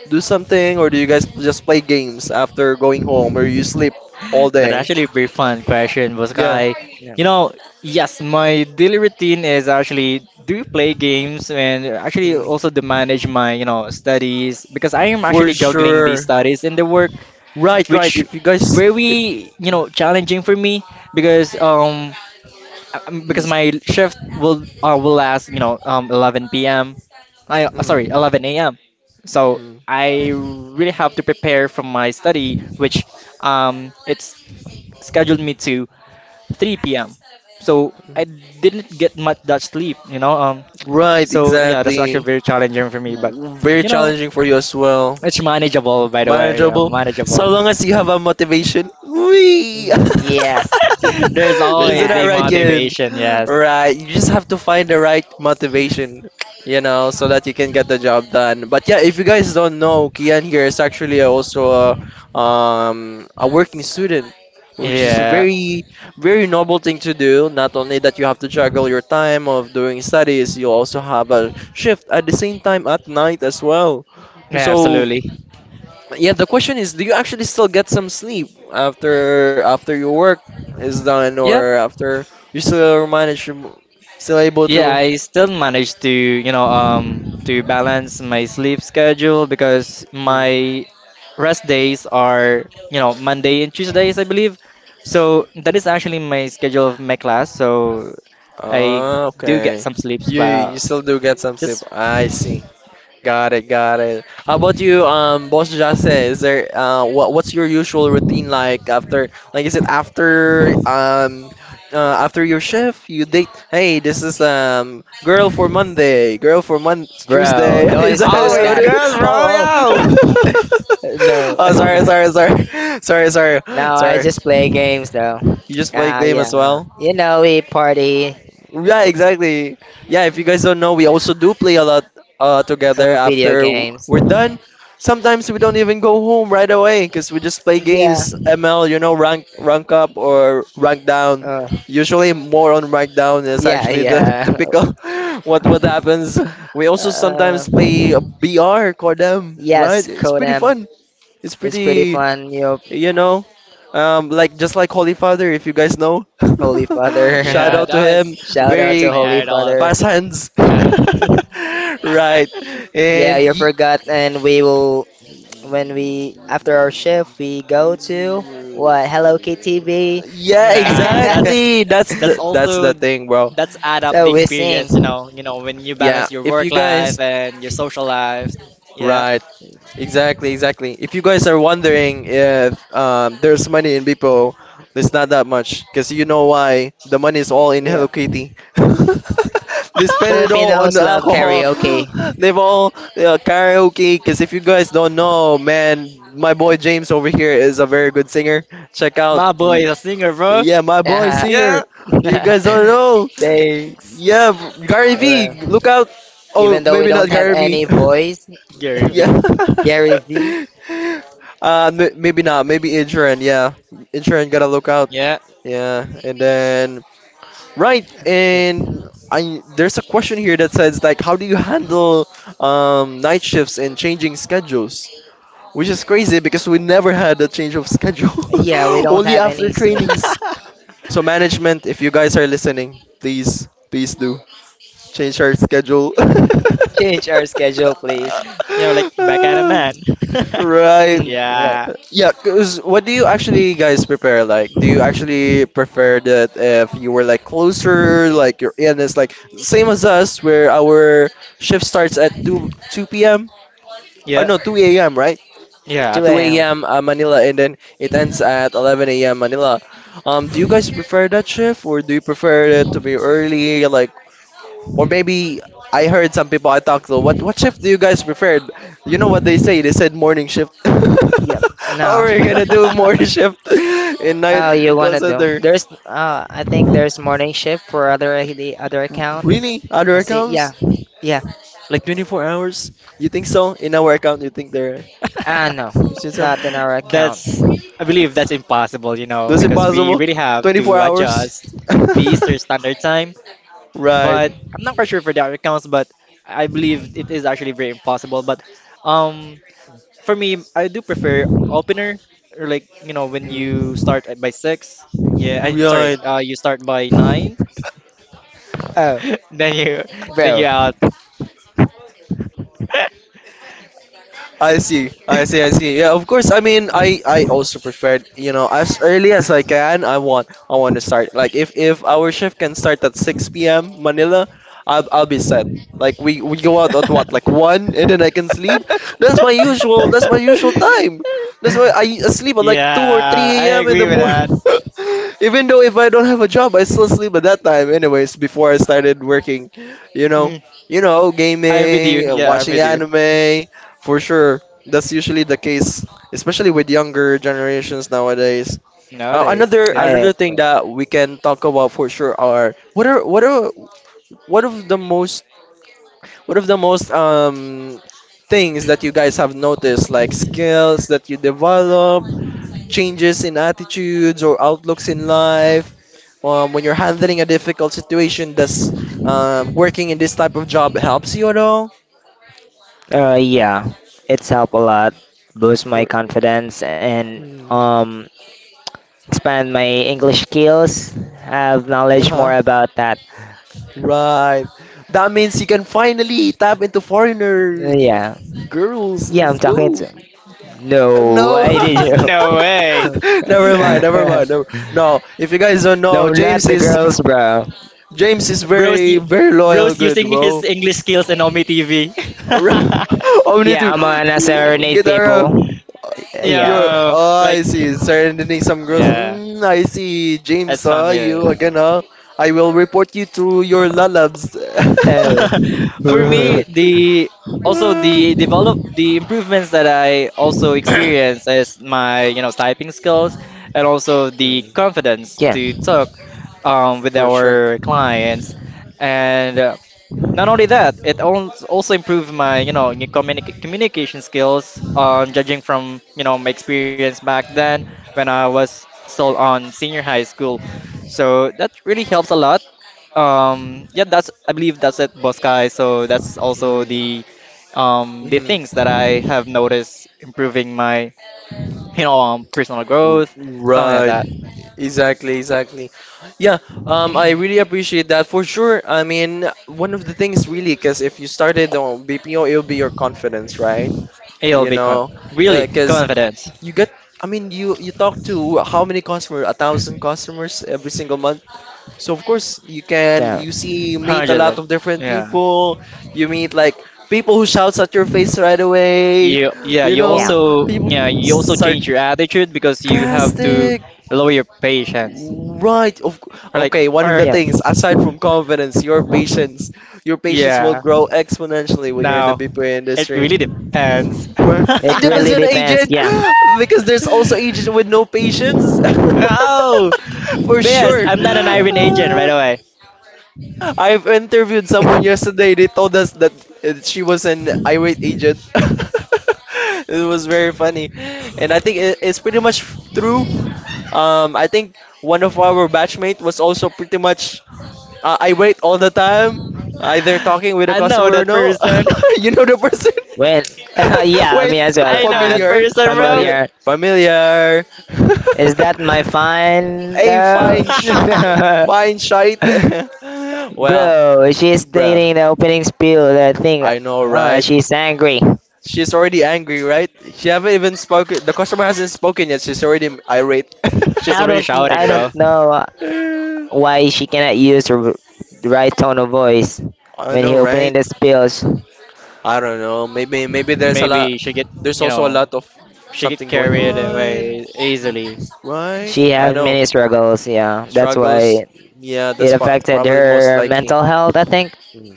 Speaker 1: do something, or do you guys just play games after going home, or you sleep all
Speaker 2: That
Speaker 1: day?
Speaker 2: actually be fun question was
Speaker 1: Yeah.
Speaker 2: I,
Speaker 3: No.
Speaker 2: you know, yes, my daily routine is actually do play games and actually
Speaker 1: Mm.
Speaker 2: also to manage my, studies because I am
Speaker 1: For
Speaker 2: actually juggling these
Speaker 1: sure.
Speaker 2: studies and the work,
Speaker 1: Right, right.
Speaker 2: which
Speaker 1: If you guys, if,
Speaker 2: very, challenging for me because um because
Speaker 1: ex-
Speaker 2: my shift will last, 11 p.m. I sorry,
Speaker 1: Mm.
Speaker 2: 11 a.m. So
Speaker 1: Mm.
Speaker 2: I really have to prepare for my study, which it's scheduled me to 3 p.m. So
Speaker 1: Mm.
Speaker 2: I didn't get much that sleep.
Speaker 1: Right,
Speaker 2: So yeah, that's actually
Speaker 1: exactly.
Speaker 2: very challenging for me, but
Speaker 1: Very
Speaker 2: you know,
Speaker 1: challenging for you as well.
Speaker 2: it's manageable. By the way, yeah,
Speaker 1: Manageable
Speaker 2: manageable.
Speaker 1: so long as you have a motivation. Wee!
Speaker 3: Mm,
Speaker 1: (laughs)
Speaker 3: yes,
Speaker 2: (laughs) There's
Speaker 3: he
Speaker 1: Isn't
Speaker 2: always
Speaker 1: that
Speaker 2: the
Speaker 3: has.
Speaker 1: right, Ken?
Speaker 2: motivation. Yes.
Speaker 1: Right. You just have to find the right
Speaker 2: Yeah.
Speaker 1: motivation, you know, so that you can get the job done. But yeah, if you guys don't know, Kian here is actually also a working student, which is a
Speaker 2: Yeah.
Speaker 1: very, very noble thing to do. Not only that you have to juggle your time of doing studies, you also have a shift at the same time at night as well. So
Speaker 2: Absolutely.
Speaker 1: yeah, the question is, do you actually still get some sleep after after your work is done,
Speaker 2: Yep.
Speaker 1: or after you still manage to- still able
Speaker 2: Yeah,
Speaker 1: to?
Speaker 2: I still manage to balance my sleep schedule because
Speaker 1: Mm.
Speaker 2: my rest days are, Monday and Tuesdays, I believe. So that is actually my schedule of my class. So I
Speaker 1: Ah,
Speaker 2: do get
Speaker 1: okay.
Speaker 2: some sleeps,
Speaker 1: You you
Speaker 2: but
Speaker 1: still do get some sleep.
Speaker 2: just
Speaker 1: I see. Got it, got it. How about you, Boss Jase? Is there what what's your usual routine like after? Like, is it after after your shift you date? Hey, this is girl for Monday, girl for Mon
Speaker 3: Bro,
Speaker 1: Tuesday. (laughs)
Speaker 3: don't
Speaker 1: Is that
Speaker 3: expose
Speaker 2: always
Speaker 1: how
Speaker 3: that.
Speaker 1: it is?
Speaker 2: girls, bro,
Speaker 1: Oh, oh.
Speaker 2: yo.
Speaker 1: (laughs)
Speaker 3: No.
Speaker 1: Oh, sorry, sorry, sorry, (laughs) sorry, sorry,
Speaker 3: (laughs) No, I
Speaker 1: sorry.
Speaker 3: just play games though.
Speaker 1: You just play
Speaker 3: Ah,
Speaker 1: game as
Speaker 3: yeah.
Speaker 1: well?
Speaker 3: You know, we party,
Speaker 1: Yeah, exactly. Yeah, if you guys don't know, we also do play a lot together
Speaker 3: video
Speaker 1: after
Speaker 3: games.
Speaker 1: we're done. Sometimes we don't even go home right away because we just play
Speaker 3: Yeah.
Speaker 1: games, ML, you know, rank up or rank down.
Speaker 3: Uh,
Speaker 1: Usually more on rank down is
Speaker 3: yeah,
Speaker 1: actually the (laughs)
Speaker 3: yeah.
Speaker 1: typical what happens. We
Speaker 3: (laughs)
Speaker 1: also
Speaker 3: Uh,
Speaker 1: sometimes play BR Cordem, right?
Speaker 3: Yes,
Speaker 1: It's pretty
Speaker 3: Kodam.
Speaker 1: fun. It's
Speaker 3: It's pretty
Speaker 1: pretty,
Speaker 3: fun, you know,
Speaker 1: you know, like just like Holy Father, if you guys know.
Speaker 3: Holy
Speaker 1: (laughs) Shout
Speaker 2: Yeah,
Speaker 3: Father.
Speaker 1: out
Speaker 2: that
Speaker 1: to
Speaker 2: was
Speaker 1: him.
Speaker 3: (laughs) Shout out
Speaker 2: that's
Speaker 3: to
Speaker 1: Very
Speaker 2: my
Speaker 3: Holy
Speaker 2: idol.
Speaker 3: Father.
Speaker 1: past hands.
Speaker 2: Shadow.
Speaker 1: (laughs) Right.
Speaker 3: Yeah,
Speaker 1: And
Speaker 3: you
Speaker 1: ye-
Speaker 3: forgot, and we will when we after our shift we go to what Hello KTV.
Speaker 1: yeah,
Speaker 2: Nah,
Speaker 3: (laughs)
Speaker 2: that's
Speaker 1: exactly.
Speaker 2: that's
Speaker 1: That's the
Speaker 2: also
Speaker 1: thing, bro.
Speaker 2: that's add up the
Speaker 3: So we
Speaker 2: experience, you
Speaker 3: sing.
Speaker 2: know, when you
Speaker 1: Yeah,
Speaker 2: balance your
Speaker 1: if
Speaker 2: work
Speaker 1: you
Speaker 2: life
Speaker 1: guys
Speaker 2: and your social life. Yeah.
Speaker 1: right, exactly, exactly. If you guys are wondering if there's money in Bipo, there's not that much. Because you know why? The money is all in Hello
Speaker 3: Yeah,
Speaker 1: Kitty. (laughs) They spend it all on
Speaker 3: Filipinos love
Speaker 1: alcohol.
Speaker 3: karaoke.
Speaker 1: (gasps) They've all karaoke. Because if you guys don't know, man, my boy James over here is a very good singer. Check out.
Speaker 2: My boy is a singer, bro.
Speaker 1: Yeah, my boy
Speaker 3: Yeah,
Speaker 1: singer.
Speaker 2: Yeah.
Speaker 1: You guys don't
Speaker 3: (laughs)
Speaker 1: know.
Speaker 3: thanks.
Speaker 1: Yeah, Gary
Speaker 3: Yeah.
Speaker 1: Vee. Look out. Oh,
Speaker 3: Even though we
Speaker 1: maybe not
Speaker 3: don't have
Speaker 1: Gary Vee.
Speaker 3: any
Speaker 1: (laughs)
Speaker 3: voice,
Speaker 2: Gary Vee.
Speaker 1: Yeah.
Speaker 3: (laughs)
Speaker 1: (laughs)
Speaker 3: Gary V.
Speaker 1: M Maybe not. Maybe Incheon. Yeah, Incheon gotta look out.
Speaker 2: Yeah.
Speaker 1: Yeah, and then right, and I there's a question here that says, like, how do you
Speaker 3: (laughs)
Speaker 1: handle night shifts and changing schedules? Which is crazy because we never had a change of schedule,
Speaker 3: Yeah, we
Speaker 1: (laughs)
Speaker 3: don't
Speaker 1: only
Speaker 3: have
Speaker 1: after
Speaker 3: any skins.
Speaker 1: trainings. So
Speaker 2: (laughs)
Speaker 1: management, if you guys are
Speaker 3: Mm.
Speaker 1: listening, please, please do change our schedule. (laughs)
Speaker 3: Change our schedule, please.
Speaker 2: You know, like back at a man. (laughs)
Speaker 1: Right.
Speaker 3: Mm. (laughs) Like
Speaker 2: Yeah.
Speaker 1: Yeah, cause what do you actually guys prepare? Like, do you actually prefer that if you were like closer, like you're in, it's like same as us, where our shift starts at two p.m. or
Speaker 2: Yeah.
Speaker 1: no, two a.m., right?
Speaker 2: Yeah,
Speaker 3: 2
Speaker 1: Two
Speaker 3: a.m.
Speaker 2: absolutely.
Speaker 1: a.m. Manila, and then it ends at 11 a.m. Manila. Do you guys prefer that shift, or do you prefer it to be early, like or maybe I heard some people I talked to. What shift do you guys prefer? You know what they say? They said morning shift. (laughs)
Speaker 3: Yep.
Speaker 1: How
Speaker 3: No.
Speaker 1: are you gonna do
Speaker 2: (laughs)
Speaker 1: morning shift (laughs) in night
Speaker 3: Oh, you
Speaker 1: call
Speaker 3: wanna do?
Speaker 1: center?
Speaker 3: There's. I think there's morning shift for other the other account.
Speaker 1: Really? Other
Speaker 3: I see. Yeah.
Speaker 1: accounts?
Speaker 3: Yeah.
Speaker 1: Like 24 hours? You think so? In our account, you think there?
Speaker 3: Ah, no.
Speaker 1: You see some?
Speaker 3: Not in our account.
Speaker 2: That's I believe that's impossible, you know,
Speaker 1: Those
Speaker 2: because we
Speaker 1: impossible.
Speaker 2: really have
Speaker 1: 24
Speaker 2: to
Speaker 1: hours.
Speaker 2: adjust the Easter Standard Time.
Speaker 1: (laughs) Right.
Speaker 2: But I'm not quite sure for direct accounts, but I believe it is actually very impossible. But um, for me, I do prefer opener or like, you know, when
Speaker 1: Mm.
Speaker 2: you start at by six. Yeah, sorry.
Speaker 1: Right.
Speaker 2: You start by nine,
Speaker 3: Oh,
Speaker 2: (laughs) then you then
Speaker 3: bro.
Speaker 2: you
Speaker 3: (laughs)
Speaker 2: out. (laughs)
Speaker 1: I see. I see. I see. Yeah, of course. I mean, I also preferred, you know, as early as I can. I want to start. Like, if our shift can start at 6 p.m. Manila, I'll be set. Like, we go out at what? Like 1, and then I can sleep. That's my usual time. That's why I sleep at like 2 or
Speaker 2: Yeah, I
Speaker 1: 3 a.m. in the
Speaker 2: agree with
Speaker 1: morning.
Speaker 2: that.
Speaker 1: (laughs) Even though if I don't have a job, I still sleep at that time anyways before I started working, you know.
Speaker 2: Mm,
Speaker 1: You know,
Speaker 2: I'm with you.
Speaker 1: gaming,
Speaker 2: Yeah, I'm
Speaker 1: watching
Speaker 2: with you.
Speaker 1: anime, for sure, that's usually the case, especially with younger generations nowadays.
Speaker 2: Nowadays, yes.
Speaker 3: I.
Speaker 1: Another thing that we can talk about for sure are what are what of the most what of the most things that you guys have noticed, like skills that you develop, changes in attitudes or outlooks in life. When you're handling a difficult situation, does working in this type of job helps you at all?
Speaker 3: Yeah. It's helped a lot. Boost my
Speaker 1: For,
Speaker 3: confidence and
Speaker 1: mm,
Speaker 3: um expand my English skills, have knowledge
Speaker 1: uh-huh.
Speaker 3: more about that.
Speaker 1: Right. That means you can finally tap into foreigner
Speaker 3: Yeah.
Speaker 1: girls.
Speaker 3: Yeah, I'm
Speaker 1: Let's
Speaker 3: talking
Speaker 1: go.
Speaker 3: to. No, (laughs)
Speaker 1: No.
Speaker 3: why did you?
Speaker 2: No
Speaker 3: (laughs)
Speaker 2: way.
Speaker 1: (laughs) Never
Speaker 2: (laughs)
Speaker 1: mind. Never mind. Never. No. If you guys don't know,
Speaker 3: No, not the girls, bro.
Speaker 1: James is
Speaker 2: Bro's
Speaker 1: very
Speaker 2: u-
Speaker 1: very loyal.
Speaker 2: Bro's
Speaker 1: Good
Speaker 2: using his
Speaker 1: bro.
Speaker 2: English skills in Omi TV.
Speaker 1: (laughs)
Speaker 3: Yeah,
Speaker 1: Omnitive.
Speaker 3: I'm an serenade
Speaker 1: Get around.
Speaker 3: people. Yeah.
Speaker 1: You're.
Speaker 2: yeah,
Speaker 1: Oh,
Speaker 2: (laughs) like
Speaker 1: I see. Serenity some girls.
Speaker 2: yeah,
Speaker 1: Mm, I see. James,
Speaker 2: that's
Speaker 1: huh? You
Speaker 2: familiar.
Speaker 1: again, huh? I will report you to your lalabs.
Speaker 3: Uh,
Speaker 2: Yeah.
Speaker 1: (laughs)
Speaker 2: (laughs) For me,
Speaker 3: (laughs)
Speaker 2: the also
Speaker 1: Mm,
Speaker 2: the improvements that I also experience is my, you know, typing skills and also the confidence
Speaker 3: yeah.
Speaker 2: to talk with
Speaker 1: for sure.
Speaker 2: our clients and not only that, it also improved my, you know, communication skills. Judging from, you know, my experience back then when I was still on senior high school, so that really helps a lot. Yeah, that's I believe that's it, boss guy. So that's also
Speaker 1: Mm,
Speaker 2: the
Speaker 1: mhm.
Speaker 2: things that I have noticed improving my, you know, personal growth, something like
Speaker 1: Right.
Speaker 2: that.
Speaker 1: Exactly, exactly. Yeah, I really appreciate that for sure. I mean, one of the things really, because if you started on BPO, it'll be your confidence, right?
Speaker 2: It'll
Speaker 1: You
Speaker 2: be con-
Speaker 1: know,
Speaker 2: really
Speaker 1: yeah, because
Speaker 2: confidence.
Speaker 1: you get, I mean, you talk to how many customers? A thousand customers every single month. So, of course, you can
Speaker 3: So,
Speaker 1: you see you meet a
Speaker 2: Hundreds
Speaker 1: lot
Speaker 2: of,
Speaker 1: of different
Speaker 2: yeah.
Speaker 1: people. You meet like people who shouts at your face right away.
Speaker 2: You
Speaker 1: You know,
Speaker 3: yeah.
Speaker 1: people
Speaker 2: yeah, you also change
Speaker 1: sarcastic.
Speaker 2: your attitude because you have to lower your patience.
Speaker 1: Right. Of
Speaker 2: Or
Speaker 1: okay,
Speaker 2: like,
Speaker 1: one of
Speaker 2: or
Speaker 1: the
Speaker 3: Yeah.
Speaker 1: things aside from confidence, your patience. Your
Speaker 2: (laughs)
Speaker 1: patience will
Speaker 2: yeah.
Speaker 1: grow exponentially when you're in the
Speaker 2: Now
Speaker 1: BPO
Speaker 2: it
Speaker 1: industry.
Speaker 2: really depends.
Speaker 1: Where
Speaker 3: It
Speaker 1: it
Speaker 2: (laughs)
Speaker 1: depends
Speaker 3: really
Speaker 1: on
Speaker 3: depends.
Speaker 1: agent.
Speaker 3: Yeah.
Speaker 1: (gasps) Because there's also agents with no patience. (laughs)
Speaker 2: Oh
Speaker 1: For
Speaker 2: yes,
Speaker 1: sure.
Speaker 2: I'm not an
Speaker 3: Yeah.
Speaker 2: Iron agent right
Speaker 1: (laughs)
Speaker 2: away.
Speaker 1: I've interviewed someone
Speaker 3: (laughs)
Speaker 1: yesterday. They told us that she was an irate agent. (laughs) It was very funny, and I think it's pretty much true. I think one of our batchmate was also pretty much irate all the time, either talking with a
Speaker 2: I know
Speaker 1: customer or
Speaker 2: that
Speaker 1: no.
Speaker 2: person.
Speaker 1: (laughs) You know the person.
Speaker 3: When? (laughs)
Speaker 1: (laughs)
Speaker 3: Yeah,
Speaker 1: Wait,
Speaker 3: me as
Speaker 2: (laughs)
Speaker 3: well.
Speaker 2: I know
Speaker 3: I'm
Speaker 2: that
Speaker 1: familiar,
Speaker 2: person, bro.
Speaker 1: Famil-
Speaker 3: familiar.
Speaker 1: familiar.
Speaker 3: Is that my
Speaker 1: (laughs)
Speaker 3: fine?
Speaker 1: Hey,
Speaker 3: No.
Speaker 1: fine,
Speaker 2: (laughs)
Speaker 3: (laughs)
Speaker 1: fine shite. (laughs) Well,
Speaker 3: Bro, she's
Speaker 1: bruh.
Speaker 3: stating the opening spiel, the thing.
Speaker 1: I know, right?
Speaker 3: She's angry.
Speaker 1: She's already angry, right? She haven't even spoken. The customer hasn't spoken yet. She's already irate. (laughs)
Speaker 2: She's
Speaker 3: I
Speaker 2: already
Speaker 3: don't,
Speaker 2: shouting,
Speaker 3: I
Speaker 2: bro.
Speaker 3: don't know
Speaker 1: I
Speaker 3: why she cannot use the right tone of voice when he
Speaker 1: know,
Speaker 3: opening
Speaker 1: right?
Speaker 3: the spills.
Speaker 1: I don't know. Maybe there's a lot.
Speaker 2: Maybe she get,
Speaker 1: There's
Speaker 2: you
Speaker 1: also a
Speaker 2: know,
Speaker 1: lot of
Speaker 2: she get
Speaker 1: something going
Speaker 2: carried
Speaker 1: on,
Speaker 2: away easily.
Speaker 1: right?
Speaker 3: She
Speaker 1: I
Speaker 3: has
Speaker 1: know
Speaker 3: many struggles. Yeah, that's
Speaker 1: struggles.
Speaker 3: why
Speaker 1: Yeah,
Speaker 3: it
Speaker 1: that's
Speaker 3: affected
Speaker 1: probably most
Speaker 3: her
Speaker 1: likely.
Speaker 3: mental health. I think.
Speaker 1: Hmm.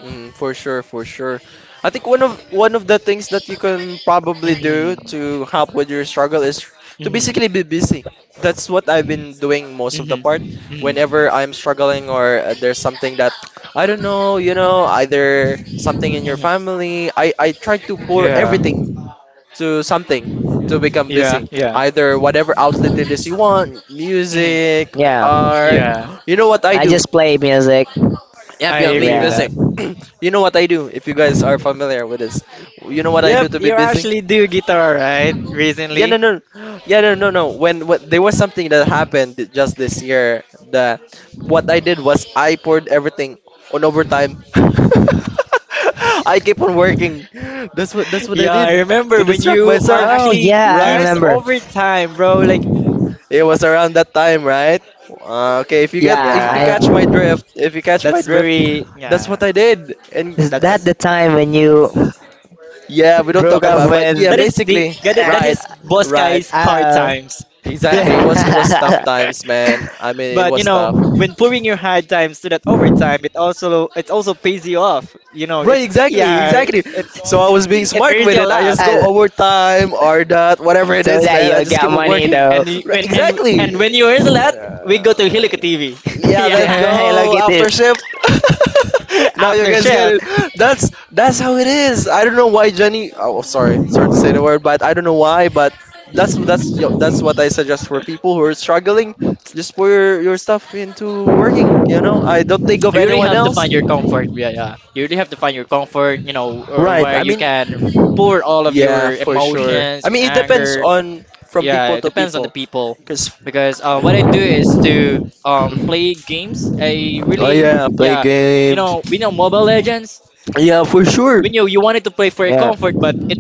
Speaker 1: Mm, for sure, for sure. I think one of the things that you can probably do
Speaker 2: Mm.
Speaker 1: to help with your struggle is to
Speaker 2: Mhm.
Speaker 1: basically be busy. That's what I've been doing most of the
Speaker 2: Mhm.
Speaker 1: part.
Speaker 2: Mhm.
Speaker 1: Whenever I'm struggling or there's something that I don't know, you know, either something in your
Speaker 2: Mhm.
Speaker 1: family, I try to pour
Speaker 2: Yeah.
Speaker 1: everything to something to become
Speaker 2: Yeah.
Speaker 1: busy.
Speaker 2: Yeah.
Speaker 1: Either whatever outlet it is you want,
Speaker 2: Mhm.
Speaker 1: music,
Speaker 3: Yeah,
Speaker 1: art.
Speaker 2: Yeah.
Speaker 1: (gasps) You know what I
Speaker 3: I
Speaker 1: do?
Speaker 3: just play music.
Speaker 2: I
Speaker 1: Yep, yeah, theme
Speaker 2: agree with
Speaker 3: Yeah.
Speaker 1: music.
Speaker 2: that.
Speaker 1: (clears throat) You know what I do, if you guys are familiar with this. You know what I
Speaker 2: Yep,
Speaker 1: do to be
Speaker 2: you
Speaker 1: busy?
Speaker 2: actually do guitar, right?
Speaker 1: Yeah, no,
Speaker 2: Recently. (laughs)
Speaker 1: no. (gasps) Yeah, no, no, no. When there was something that happened just this year, the what I did was I poured everything on overtime. (laughs) I keep on working. That's what I
Speaker 2: Yeah,
Speaker 1: did
Speaker 2: I
Speaker 1: to
Speaker 2: remember when
Speaker 1: distract
Speaker 2: you are
Speaker 1: myself,
Speaker 3: Oh
Speaker 2: actually
Speaker 3: yeah, I
Speaker 1: right?
Speaker 2: keeps
Speaker 3: remember.
Speaker 2: overtime, bro. Like
Speaker 1: It was
Speaker 2: what's
Speaker 1: around that time, right? Okay,
Speaker 3: Yeah,
Speaker 1: if you catch
Speaker 2: Yeah.
Speaker 1: my
Speaker 3: I.
Speaker 1: drift, if you catch my
Speaker 2: That's
Speaker 1: drift,
Speaker 2: very
Speaker 1: that's
Speaker 2: yeah.
Speaker 1: what I did. And
Speaker 3: Is
Speaker 1: uh,
Speaker 3: that
Speaker 2: That's
Speaker 3: the time when you
Speaker 1: yeah, we don't talk
Speaker 3: broke up
Speaker 1: about,
Speaker 2: that's
Speaker 1: but yeah,
Speaker 2: that
Speaker 3: with?
Speaker 2: is the
Speaker 1: basically,
Speaker 3: Uh,
Speaker 2: that
Speaker 1: right,
Speaker 2: is boss
Speaker 1: right,
Speaker 2: guys hard
Speaker 3: uh,
Speaker 2: times. (laughs)
Speaker 1: exactly. It was it
Speaker 3: (laughs)
Speaker 1: was tough
Speaker 2: (laughs)
Speaker 1: times, man. I mean, it
Speaker 2: But you
Speaker 1: was
Speaker 2: know,
Speaker 1: tough.
Speaker 2: when putting your hard times to that overtime, it also pays you off. You know,
Speaker 1: Right,
Speaker 2: it.
Speaker 1: exactly,
Speaker 2: yeah,
Speaker 1: exactly.
Speaker 2: it
Speaker 1: So
Speaker 2: (laughs)
Speaker 1: I was being
Speaker 2: it
Speaker 1: smart with
Speaker 2: earns
Speaker 1: it.
Speaker 2: you a
Speaker 1: I just
Speaker 2: lot.
Speaker 1: go overtime or that, whatever it
Speaker 3: so
Speaker 1: is,
Speaker 3: that
Speaker 1: man. I
Speaker 3: you
Speaker 1: just keep
Speaker 3: got
Speaker 1: on
Speaker 3: money
Speaker 1: working.
Speaker 3: though.
Speaker 1: Right,
Speaker 2: When
Speaker 1: exactly.
Speaker 2: and when you earn a lot, we go to Helico TV.
Speaker 1: Yeah,
Speaker 2: (laughs) yeah,
Speaker 1: let's
Speaker 3: (laughs) Hello
Speaker 1: go
Speaker 3: Kitty.
Speaker 1: after shift. (laughs)
Speaker 2: (laughs)
Speaker 1: Now you
Speaker 2: after
Speaker 1: guys get
Speaker 2: shift,
Speaker 1: it. That's how it is. I don't know why Jenny. Oh, sorry, sorry to say the word, but I don't know why, but that's that's what I suggest for people who are struggling. Just pour your stuff into working. You know, I don't think of
Speaker 2: you really
Speaker 1: anyone
Speaker 2: have to
Speaker 1: else.
Speaker 2: find your comfort. Yeah, yeah, you really have to find your comfort. You know, or
Speaker 1: Right.
Speaker 2: where
Speaker 1: I
Speaker 2: you
Speaker 1: mean,
Speaker 2: can pour all of
Speaker 1: yeah,
Speaker 2: your
Speaker 1: for sure.
Speaker 2: emotions,
Speaker 1: I
Speaker 2: your
Speaker 1: mean, it depends
Speaker 2: anger.
Speaker 1: on from
Speaker 2: Yeah,
Speaker 1: people
Speaker 2: it
Speaker 1: to
Speaker 2: depends on
Speaker 1: people.
Speaker 2: the people
Speaker 1: Cause
Speaker 2: because what I do is to
Speaker 1: (clears throat)
Speaker 2: play games.
Speaker 1: oh yeah, play
Speaker 2: Yeah, you
Speaker 1: games.
Speaker 2: know, we know Mobile Legends.
Speaker 1: Yeah, for sure.
Speaker 2: We know you wanted to play for your
Speaker 3: Yeah.
Speaker 2: comfort, but it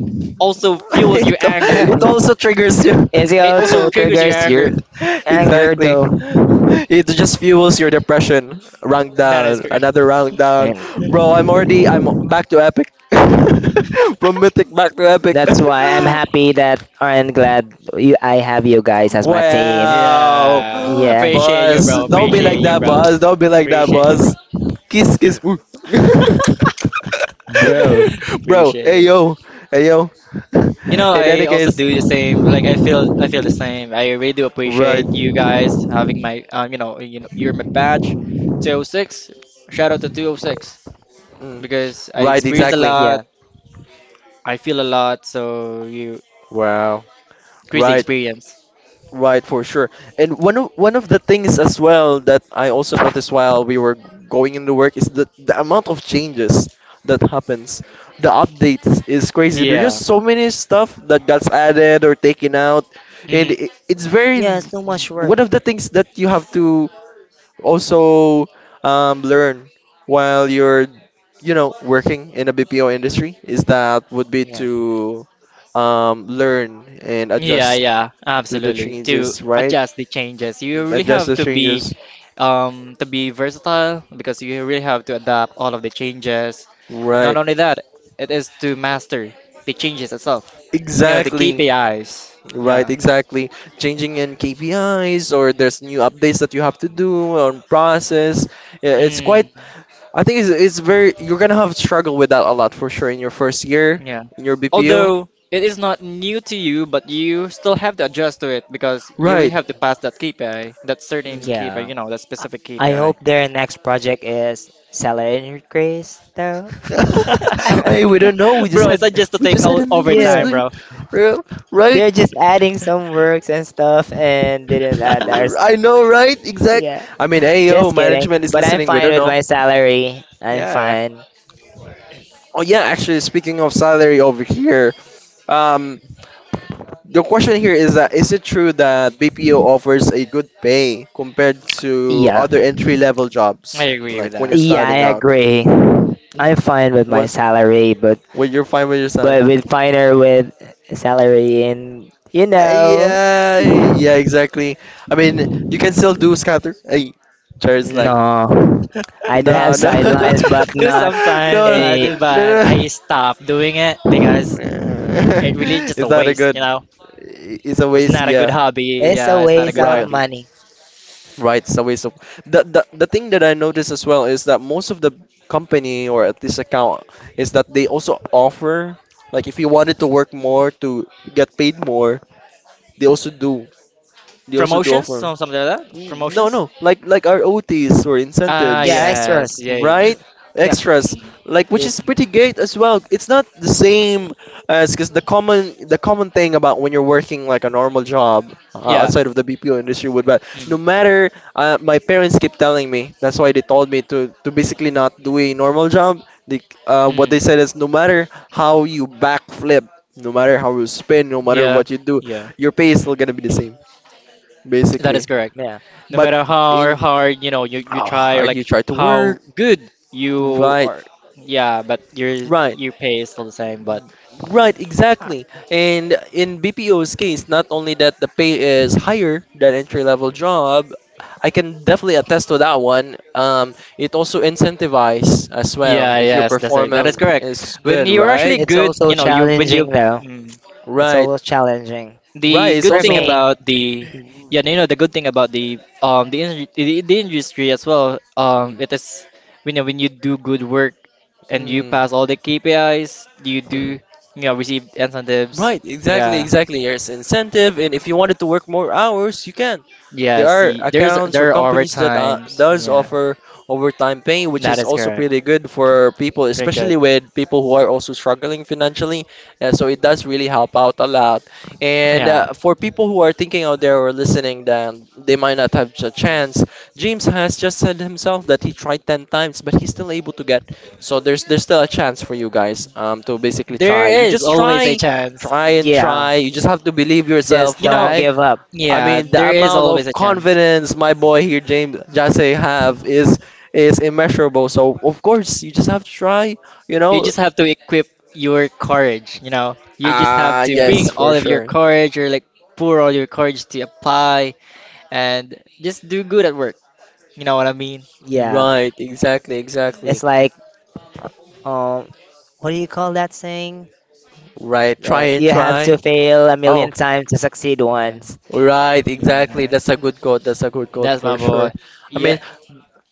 Speaker 1: (laughs)
Speaker 2: also fuels
Speaker 1: it,
Speaker 2: your anger.
Speaker 1: it also
Speaker 3: (laughs)
Speaker 1: triggers you.
Speaker 3: It
Speaker 2: It also
Speaker 3: also
Speaker 2: triggers your
Speaker 3: triggers your
Speaker 2: anger.
Speaker 1: (laughs)
Speaker 3: anger
Speaker 1: Exactly.
Speaker 3: though.
Speaker 1: It just fuels your depression. Rank
Speaker 2: (laughs) Not as
Speaker 1: down,
Speaker 2: good.
Speaker 1: another rank down.
Speaker 3: And
Speaker 2: (laughs)
Speaker 1: Bro, I'm back to epic. (laughs) From mythic back to epic.
Speaker 3: that's why I'm happy that
Speaker 1: (laughs)
Speaker 3: I'm glad you, I have you guys as my team.
Speaker 1: Wow.
Speaker 2: Yeah,
Speaker 3: Yeah.
Speaker 2: appreciate you,
Speaker 1: Boss,
Speaker 2: bro.
Speaker 1: don't be
Speaker 2: Appreciate
Speaker 1: like
Speaker 2: you,
Speaker 1: that,
Speaker 2: bro.
Speaker 1: boss. Don't be like that,
Speaker 2: Appreciate you, bro.
Speaker 1: boss. Kiss kiss. Ooh.
Speaker 3: Bro.
Speaker 2: (laughs)
Speaker 1: (laughs) Bro,
Speaker 2: appreciate
Speaker 1: hey
Speaker 2: you,
Speaker 1: yo. Hey yo.
Speaker 2: you know,
Speaker 1: (laughs) In
Speaker 2: I
Speaker 1: any
Speaker 2: also
Speaker 1: case,
Speaker 2: do the same. Like I feel the same. I really do
Speaker 1: right.
Speaker 2: appreciate you guys having my, you know, you're my batch, 206. Shout out to 206
Speaker 1: Mm.
Speaker 2: because I
Speaker 1: Right,
Speaker 2: experience a
Speaker 1: exactly.
Speaker 3: Yeah.
Speaker 2: lot. I feel a lot. So you
Speaker 1: Wow.
Speaker 2: crazy
Speaker 1: Right,
Speaker 2: experience.
Speaker 1: right, for sure. And one of the things as well that I also noticed while we were going into work is the amount of changes that happens. The updates is crazy. There's
Speaker 2: Yeah.
Speaker 1: just so many stuff that gets added or taken out, and
Speaker 2: hmm
Speaker 1: it's very
Speaker 3: Yeah, so much work.
Speaker 1: one of the things that you have to also, learn while you're, you know, working in a BPO industry is that would be
Speaker 3: Yeah.
Speaker 1: to learn and
Speaker 2: Yeah,
Speaker 1: adjust
Speaker 2: yeah,
Speaker 1: to the
Speaker 2: absolutely. To
Speaker 1: changes, right?
Speaker 2: adjust the changes, you really
Speaker 1: Adjust
Speaker 2: have
Speaker 1: the changes,
Speaker 2: to be versatile because you really have to adapt all of the changes. Not
Speaker 1: right?
Speaker 2: only that, it is to master the changes itself. You know, the
Speaker 1: Exactly,
Speaker 2: KPIs. Yeah.
Speaker 1: right, exactly. Changing in KPIs or there's new updates that you have to do on process. Yeah, it's quite.
Speaker 2: Mm,
Speaker 1: I think it's very. You're gonna have struggle with that a lot for sure in your first year
Speaker 2: yeah.
Speaker 1: in your
Speaker 3: Mhm.
Speaker 1: BPO,
Speaker 2: Although it is not new to you, but you still have to adjust to it because you really
Speaker 1: right?
Speaker 2: have to pass that KPI, that certain
Speaker 1: Mm.
Speaker 2: KPI,
Speaker 3: Yeah.
Speaker 2: you know, that
Speaker 3: I
Speaker 2: specific
Speaker 3: I
Speaker 2: KPI.
Speaker 3: hope their next project is salary increase, though.
Speaker 2: (laughs)
Speaker 1: (laughs) Hey, we don't
Speaker 3: (laughs)
Speaker 1: know.
Speaker 2: Bro, it's not just to
Speaker 1: We
Speaker 2: take
Speaker 1: just had an increase,
Speaker 3: Yeah.
Speaker 2: overtime, bro.
Speaker 1: real-
Speaker 3: They're
Speaker 1: right?
Speaker 3: just adding some works and stuff and didn't add ours.
Speaker 2: (laughs)
Speaker 1: I know, right? Exact.
Speaker 3: Yeah.
Speaker 1: I mean, AO
Speaker 3: Just kidding.
Speaker 1: management is
Speaker 3: But I'm
Speaker 1: listening. We
Speaker 3: fine
Speaker 1: don't
Speaker 3: with
Speaker 1: know.
Speaker 3: my salary. I'm
Speaker 2: yeah,
Speaker 3: fine.
Speaker 1: Oh yeah, actually, speaking of salary over here, um, the question here is that is it true that BPO offers a good pay compared to
Speaker 3: Yeah.
Speaker 1: other entry level
Speaker 2: I
Speaker 1: jobs,
Speaker 2: agree with
Speaker 1: like when you're
Speaker 2: that.
Speaker 3: Yeah, I
Speaker 1: starting out?
Speaker 3: agree. I'm fine with my
Speaker 1: Was
Speaker 3: salary, but
Speaker 1: what you're fine with your salary?
Speaker 3: with finer with salary and you know,
Speaker 1: Yeah, yeah, exactly. I mean, you can still do scatter. Hey, Charles Lang.
Speaker 3: no. I do
Speaker 1: No,
Speaker 3: have
Speaker 1: no,
Speaker 3: sidelines, but
Speaker 2: (laughs) do
Speaker 3: not
Speaker 1: (laughs) no,
Speaker 2: sometimes I
Speaker 3: a
Speaker 2: do,
Speaker 1: no,
Speaker 2: but
Speaker 1: no.
Speaker 2: I stop doing it because it really
Speaker 1: (laughs)
Speaker 2: just a
Speaker 1: It's not a
Speaker 2: waste,
Speaker 1: good.
Speaker 2: you know.
Speaker 1: It's a
Speaker 2: It's
Speaker 1: waste.
Speaker 2: not a good
Speaker 1: Yeah,
Speaker 2: hobby.
Speaker 3: it's
Speaker 2: Yeah,
Speaker 3: a
Speaker 2: it's not a
Speaker 3: waste
Speaker 2: good
Speaker 3: of
Speaker 1: right,
Speaker 2: hobby.
Speaker 3: money.
Speaker 1: right. It's a waste of. The thing that I noticed as well is that most of the company or at least account is that they also offer like if you wanted to work more to get paid more, they also do. They also do
Speaker 2: Promotions,
Speaker 1: offer.
Speaker 2: some something like that.
Speaker 1: No,
Speaker 2: Promotions.
Speaker 1: no, like our OTs or
Speaker 2: Ah,
Speaker 3: Yeah,
Speaker 1: incentives,
Speaker 2: yes,
Speaker 3: extras.
Speaker 1: right?
Speaker 3: Yeah.
Speaker 1: Extras,
Speaker 2: mm,
Speaker 1: like which
Speaker 3: Did.
Speaker 1: is
Speaker 2: mm.
Speaker 1: pretty great as well. It's not the same as because the common thing about when you're working like a normal job
Speaker 2: yeah,
Speaker 1: outside of the BPO industry would but no
Speaker 2: mm,
Speaker 1: matter my parents keep telling me that's why they told me to basically not do a normal job. They, what
Speaker 2: mm,
Speaker 1: they said is no matter how you backflip, no matter how you spin, no matter
Speaker 2: yeah,
Speaker 1: what you do,
Speaker 2: yeah.
Speaker 1: your pay is still
Speaker 3: Hmm.
Speaker 1: gonna be the same
Speaker 2: That is
Speaker 1: basically.
Speaker 2: correct.
Speaker 3: Yeah.
Speaker 2: No
Speaker 1: But
Speaker 2: matter how
Speaker 1: in
Speaker 2: hard, you know, you
Speaker 1: how
Speaker 2: try, or
Speaker 1: hard you
Speaker 2: like
Speaker 1: try to
Speaker 2: how
Speaker 1: work.
Speaker 2: good you
Speaker 1: Right,
Speaker 2: are, yeah, but
Speaker 1: right,
Speaker 2: your pay is still the same. But
Speaker 1: right,
Speaker 2: uh,
Speaker 1: exactly. And in BPO's case, not only that the pay is higher than entry level job, I can definitely attest to that one. It also incentivizes as well
Speaker 2: yeah,
Speaker 1: if your
Speaker 2: yes, that's it. That is
Speaker 1: performance
Speaker 2: correct.
Speaker 1: is
Speaker 2: When
Speaker 1: good,
Speaker 2: you're actually
Speaker 1: right?
Speaker 3: It's
Speaker 2: good,
Speaker 3: also
Speaker 2: you know you when you.
Speaker 3: challenging though.
Speaker 2: Mm,
Speaker 3: It's
Speaker 1: Right,
Speaker 3: also challenging
Speaker 1: right.
Speaker 2: The
Speaker 1: It's
Speaker 2: good
Speaker 3: for
Speaker 2: thing
Speaker 1: also.
Speaker 3: me.
Speaker 2: about the yeah, you know, the good thing about the, um, in the industry as well, um,
Speaker 1: Mm,
Speaker 2: it is, you know, when you do good work and you
Speaker 1: mm,
Speaker 2: pass all the KPIs, you
Speaker 1: mm.
Speaker 2: do, you know, receive incentives.
Speaker 1: Right, exactly,
Speaker 2: Yeah.
Speaker 1: exactly. There's incentive, and if you wanted to work more hours, you can.
Speaker 2: Yeah,
Speaker 1: There are
Speaker 2: see there's,
Speaker 1: accounts or
Speaker 2: there are
Speaker 1: companies that
Speaker 2: overtimes.
Speaker 1: does
Speaker 2: Yeah.
Speaker 1: offer overtime pay, which
Speaker 2: That
Speaker 1: is
Speaker 2: is
Speaker 1: also
Speaker 2: correct.
Speaker 1: pretty good for people,
Speaker 2: Pretty good.
Speaker 1: especially with people who are also struggling financially. So it does really help out a lot. And
Speaker 2: Yeah.
Speaker 1: for people who are thinking out there or listening, then they might not have a
Speaker 3: Mhm.
Speaker 1: chance. James has just said himself that he tried 10 times, but he's still able to get. So there's still a chance for you guys to basically try.
Speaker 2: There
Speaker 1: You
Speaker 2: is
Speaker 1: just
Speaker 2: always a
Speaker 1: try,
Speaker 2: chance.
Speaker 1: try and
Speaker 3: Yeah.
Speaker 1: try. You just have to believe
Speaker 3: Just
Speaker 1: yourself,
Speaker 2: You know,
Speaker 3: don't
Speaker 1: right?
Speaker 3: give up.
Speaker 1: I
Speaker 2: yeah,
Speaker 1: mean, the
Speaker 2: there is
Speaker 1: amount
Speaker 2: always
Speaker 1: of
Speaker 2: a chance.
Speaker 1: confidence my boy here, James Jase, have is immeasurable. So of course, you just have to try. You
Speaker 2: You
Speaker 1: know?
Speaker 2: just have to equip your courage, you know. You just have
Speaker 1: Ah,
Speaker 2: to
Speaker 3: Yeah.
Speaker 2: bring
Speaker 1: yes, for
Speaker 2: all of your
Speaker 1: sure.
Speaker 2: courage, or like pour all your courage to apply and just do good at work. You know what I mean?
Speaker 3: Yeah.
Speaker 1: Right, exactly,
Speaker 3: It's
Speaker 1: exactly.
Speaker 3: like um, what do you call that saying?
Speaker 1: Right, try
Speaker 3: That
Speaker 1: and
Speaker 3: you have to
Speaker 1: try.
Speaker 3: fail a
Speaker 1: Oh,
Speaker 3: million times to succeed
Speaker 2: Yeah,
Speaker 3: once.
Speaker 1: right, exactly.
Speaker 2: yeah.
Speaker 1: That's a good quote. That's a good quote
Speaker 2: That's my
Speaker 1: for
Speaker 2: boy.
Speaker 1: sure. I mean,
Speaker 2: Yeah.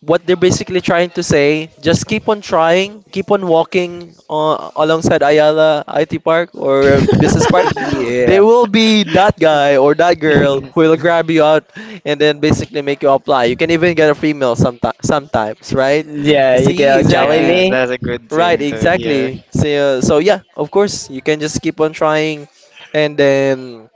Speaker 1: what they're basically trying to say, just keep on trying, keep on walking alongside Ayala IT Park or Business Park.
Speaker 2: (laughs)
Speaker 1: (gasps) They
Speaker 3: Yeah.
Speaker 1: will be that guy or that girl who
Speaker 3: (laughs)
Speaker 1: will grab you out and then basically make you apply. You can even get a free meal sometimes, right?
Speaker 3: Yeah. You
Speaker 1: See,
Speaker 3: get a
Speaker 2: Yes,
Speaker 1: exactly.
Speaker 3: Jollibee.
Speaker 2: that's a good
Speaker 1: Right,
Speaker 2: thing to hear.
Speaker 1: exactly. So, so yeah, of course, you can just keep on trying, and then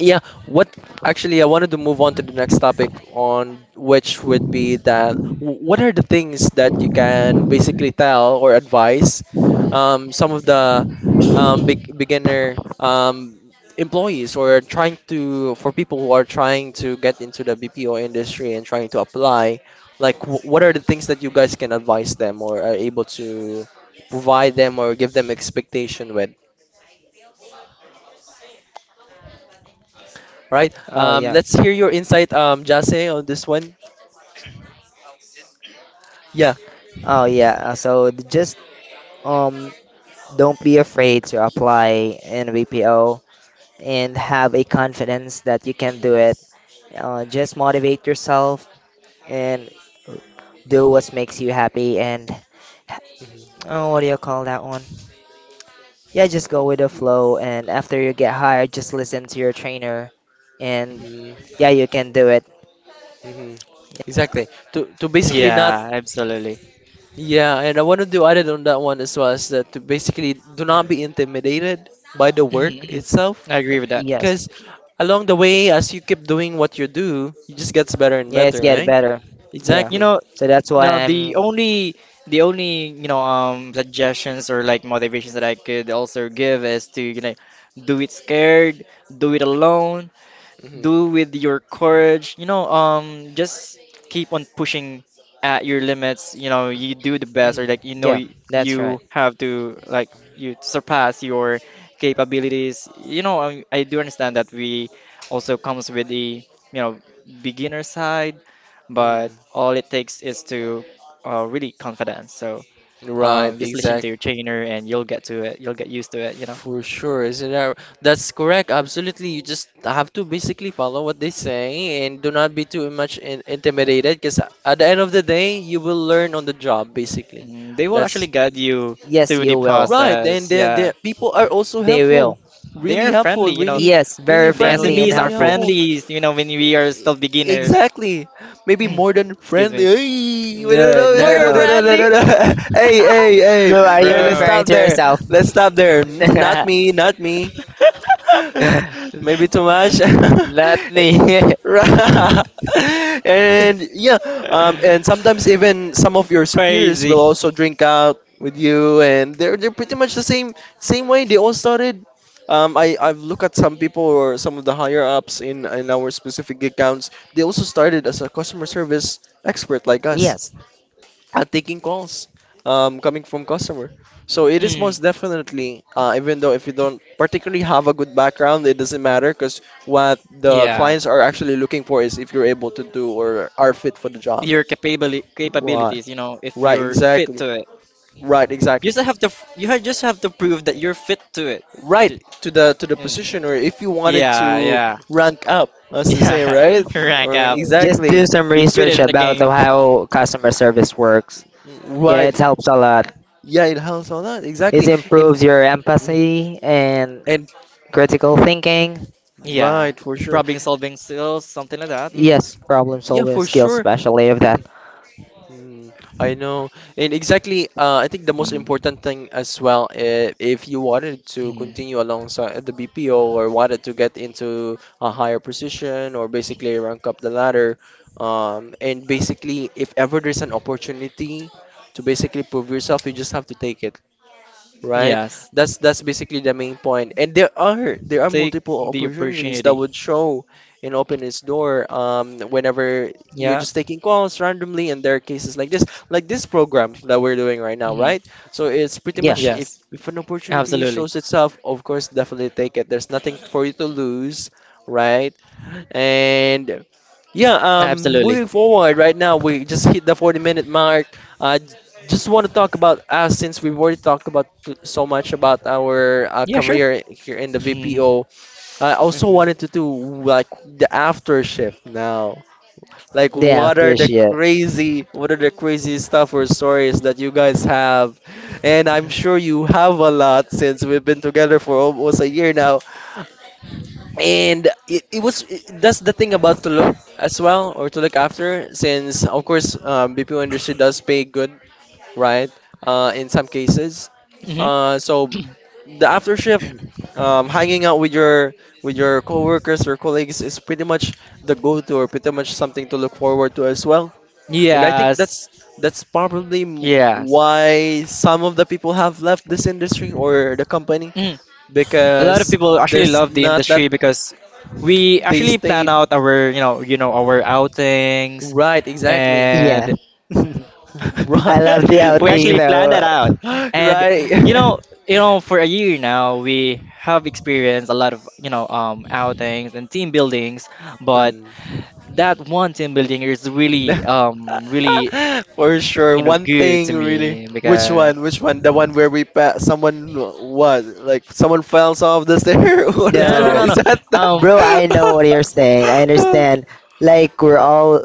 Speaker 1: yeah, what actually I wanted to move on to the next topic on which would be that what are the things that you can basically tell or advise some of the big beginner employees or trying to for people who are trying to get into the BPO industry and trying to apply like what are the things that you guys can advise them or are able to provide them or give them expectation with. All right?
Speaker 3: Oh yeah.
Speaker 1: Let's hear your insight, Jase, on this one. Yeah.
Speaker 3: Oh yeah. So th- just um don't be afraid to apply in BPO and have a confidence that you can do it. Just motivate yourself and do what makes you happy and
Speaker 1: Mhm.
Speaker 3: oh, what do you call that one? Yeah, just go with the flow. And after you get hired, just listen to your trainer. And
Speaker 1: Mhm.
Speaker 3: yeah, you can do it.
Speaker 1: Mhm. Exactly. To basically not
Speaker 2: Yeah, absolutely.
Speaker 1: yeah, and I want to do added on that one as well is that to basically do not be intimidated by the
Speaker 2: (laughs) Mhm,
Speaker 1: work
Speaker 2: mhm.
Speaker 1: itself,
Speaker 2: I agree with that.
Speaker 3: Yes.
Speaker 1: because along the way as you keep doing what you do, it just gets better and
Speaker 3: Yeah, it's
Speaker 1: better,
Speaker 3: get
Speaker 1: right?
Speaker 3: better. Yeah.
Speaker 2: You
Speaker 1: Exactly.
Speaker 2: know,
Speaker 3: So that's why
Speaker 2: No,
Speaker 3: I'm.
Speaker 2: the only you know, um, suggestions or like motivations that I could also give is to, you know, do it scared, do it alone, do
Speaker 1: Mm-hmm.
Speaker 2: with your courage. You know, just keep on pushing at your limits. You know, you do the best, or like, you know,
Speaker 3: Yeah, that's right.
Speaker 2: you have to like you surpass your capabilities. You know, I do understand that we also comes with the, you know, beginner side,
Speaker 1: Mm-hmm.
Speaker 2: but all it takes is to really confidence. So.
Speaker 1: Right,
Speaker 2: Just listen to
Speaker 1: exactly.
Speaker 2: your trainer and you'll get to it. You'll get used to it, you know.
Speaker 1: For sure, that's correct. Absolutely, you just have to basically follow what they say and do not be too much in intimidated. Because at the end of the day, you will learn on the job. Basically,
Speaker 2: Mm, they will actually
Speaker 1: that's
Speaker 2: guide you
Speaker 3: Yes,
Speaker 2: through the
Speaker 3: you will.
Speaker 1: right. Then
Speaker 2: process.
Speaker 1: the
Speaker 2: Yeah.
Speaker 1: people are also
Speaker 3: They will.
Speaker 2: They are
Speaker 1: helpful,
Speaker 2: friendly, you know.
Speaker 1: really
Speaker 3: Yes,
Speaker 1: really
Speaker 3: very
Speaker 2: The
Speaker 1: friendly,
Speaker 3: friendly and
Speaker 2: SMEs
Speaker 1: really
Speaker 2: are
Speaker 3: helpful.
Speaker 1: helpful.
Speaker 2: friendly, you know, when we are still beginners.
Speaker 1: Exactly. Maybe more than
Speaker 2: (clears throat) Excuse
Speaker 1: friendly.
Speaker 2: me.
Speaker 1: Hey, we don't
Speaker 3: No,
Speaker 1: know-
Speaker 2: More
Speaker 3: no.
Speaker 2: friendly,
Speaker 1: don't know. (laughs) Hey, hey, hey,
Speaker 3: Bro,
Speaker 2: (laughs)
Speaker 3: are you
Speaker 1: hey, let's
Speaker 2: bro.
Speaker 3: referring
Speaker 1: stop
Speaker 3: to
Speaker 1: there.
Speaker 3: yourself?
Speaker 1: Let's stop there.
Speaker 3: (laughs)
Speaker 1: Mm, not
Speaker 3: Not
Speaker 1: me, not me.
Speaker 2: (laughs)
Speaker 1: (laughs) Maybe too much. (laughs)
Speaker 3: me. (laughs)
Speaker 1: Right. (laughs) And yeah, and sometimes even some of your superiors will
Speaker 2: Crazy.
Speaker 1: also drink out with you, and they're pretty much the same way they all started. I've looked at some people or some of the higher ups in our specific accounts. They also started as a customer service expert like us
Speaker 3: Yes.
Speaker 1: taking calls coming from customer. So it is
Speaker 2: Mm,
Speaker 1: most definitely, even though if you don't particularly have a good background, it doesn't matter because what the
Speaker 2: yeah,
Speaker 1: clients are actually looking for is if you're able to do or are fit for the job.
Speaker 2: your
Speaker 1: Right.
Speaker 2: capabilities, you know, if
Speaker 1: Right.
Speaker 2: you're fit
Speaker 1: Exactly.
Speaker 2: to it,
Speaker 1: Right.
Speaker 2: you
Speaker 1: Exactly.
Speaker 2: just have to just have to prove that you're fit to it.
Speaker 1: Right
Speaker 2: Ju-
Speaker 1: to the
Speaker 2: mm,
Speaker 1: position, or if you wanted
Speaker 2: yeah,
Speaker 1: to
Speaker 2: yeah,
Speaker 1: rank up,
Speaker 2: (laughs)
Speaker 1: as the saying,
Speaker 2: yeah.
Speaker 1: right?
Speaker 2: Rank
Speaker 1: Or
Speaker 2: up.
Speaker 3: Just do
Speaker 1: exactly.
Speaker 3: some
Speaker 2: You put it
Speaker 3: research
Speaker 2: in the
Speaker 3: about
Speaker 2: game.
Speaker 3: the- how customer service works. Yeah, it
Speaker 1: Right.
Speaker 3: helps a lot.
Speaker 1: Yeah, it helps a lot.
Speaker 3: It
Speaker 1: Exactly. And
Speaker 3: improves your empathy and
Speaker 1: and
Speaker 3: critical thinking.
Speaker 2: Yeah,
Speaker 1: right for sure.
Speaker 2: problem solving skills, something like that.
Speaker 1: Mm.
Speaker 3: Yes, problem
Speaker 1: Yeah,
Speaker 3: solving
Speaker 1: for
Speaker 3: skills,
Speaker 1: sure.
Speaker 3: especially of that.
Speaker 1: Mhm. I know. And exactly, I think the most important thing as well, if you wanted to
Speaker 2: Mm,
Speaker 1: continue alongside the BPO or wanted to get into a higher position or basically rank up the ladder, and basically, if ever there's an opportunity to basically prove yourself, you just have to take it, right?
Speaker 2: yes,
Speaker 1: That's basically the main point. And there are
Speaker 2: take
Speaker 1: multiple
Speaker 2: the
Speaker 1: opportunities that
Speaker 2: opportunity.
Speaker 1: would show and open its door whenever you're
Speaker 2: Yeah.
Speaker 1: just taking calls randomly, and there are cases like this program that we're doing right now,
Speaker 2: hmm
Speaker 1: right? So it's pretty
Speaker 3: Yeah.
Speaker 1: much if
Speaker 2: Yes,
Speaker 1: an opportunity
Speaker 2: absolutely.
Speaker 1: shows itself, of course, definitely take it. There's nothing for you to lose, right? And yeah,
Speaker 2: Absolutely.
Speaker 1: moving forward right now, we just hit the 40-minute mark. I just want to talk about us since we've already talked about so much about our
Speaker 2: Yeah, sure.
Speaker 1: career here in the
Speaker 2: Mm-hmm.
Speaker 1: VPO. I also wanted
Speaker 3: Hmm.
Speaker 1: to do like the after shift now. Like,
Speaker 3: The
Speaker 1: what are
Speaker 3: after
Speaker 1: the
Speaker 3: shit.
Speaker 1: crazy, what are the crazy stuff or stories that you guys have? And I'm sure you have a lot since we've been together for almost a year now and that's the thing about to look as well or to look after since of course BPO industry does pay good, right, in some cases, so
Speaker 2: (clears throat)
Speaker 1: the after shift, hanging out with your coworkers or colleagues is pretty much the go-to or pretty much something to look forward to as well. And I think
Speaker 2: Yes.
Speaker 1: that's probably
Speaker 2: Yes.
Speaker 1: why some of the people have left this industry or the company
Speaker 2: Mm. A lot of
Speaker 1: because
Speaker 2: people actually
Speaker 3: Mhm.
Speaker 1: there's
Speaker 2: love the
Speaker 1: not that
Speaker 2: industry because we
Speaker 1: they
Speaker 2: actually plan
Speaker 1: stayed,
Speaker 2: out our, you know, our outings
Speaker 1: right, exactly. (laughs)
Speaker 3: Yeah.
Speaker 2: and
Speaker 3: (laughs)
Speaker 1: Right.
Speaker 3: I love the
Speaker 2: (laughs)
Speaker 1: Yeah.
Speaker 2: we
Speaker 3: outing
Speaker 2: actually plan that
Speaker 3: though.
Speaker 2: out.
Speaker 1: (laughs)
Speaker 2: And
Speaker 1: Right.
Speaker 2: you know,
Speaker 1: (laughs)
Speaker 2: for a year now we have experienced a lot of, you know, um, outings and team buildings, but
Speaker 1: Hmm.
Speaker 2: that one team building is really
Speaker 1: (laughs)
Speaker 2: really,
Speaker 1: For sure.
Speaker 2: you know,
Speaker 1: One
Speaker 2: good
Speaker 1: thing
Speaker 2: to
Speaker 1: really.
Speaker 2: me
Speaker 1: Which
Speaker 2: because
Speaker 1: one? Which one? The one where we someone what? Like someone fell off the stair? (laughs) What is
Speaker 2: no
Speaker 1: that?
Speaker 2: no
Speaker 3: No.
Speaker 2: no no no.
Speaker 1: Is that the-
Speaker 2: um
Speaker 3: Bro, I know what you're saying. I understand. Like we're all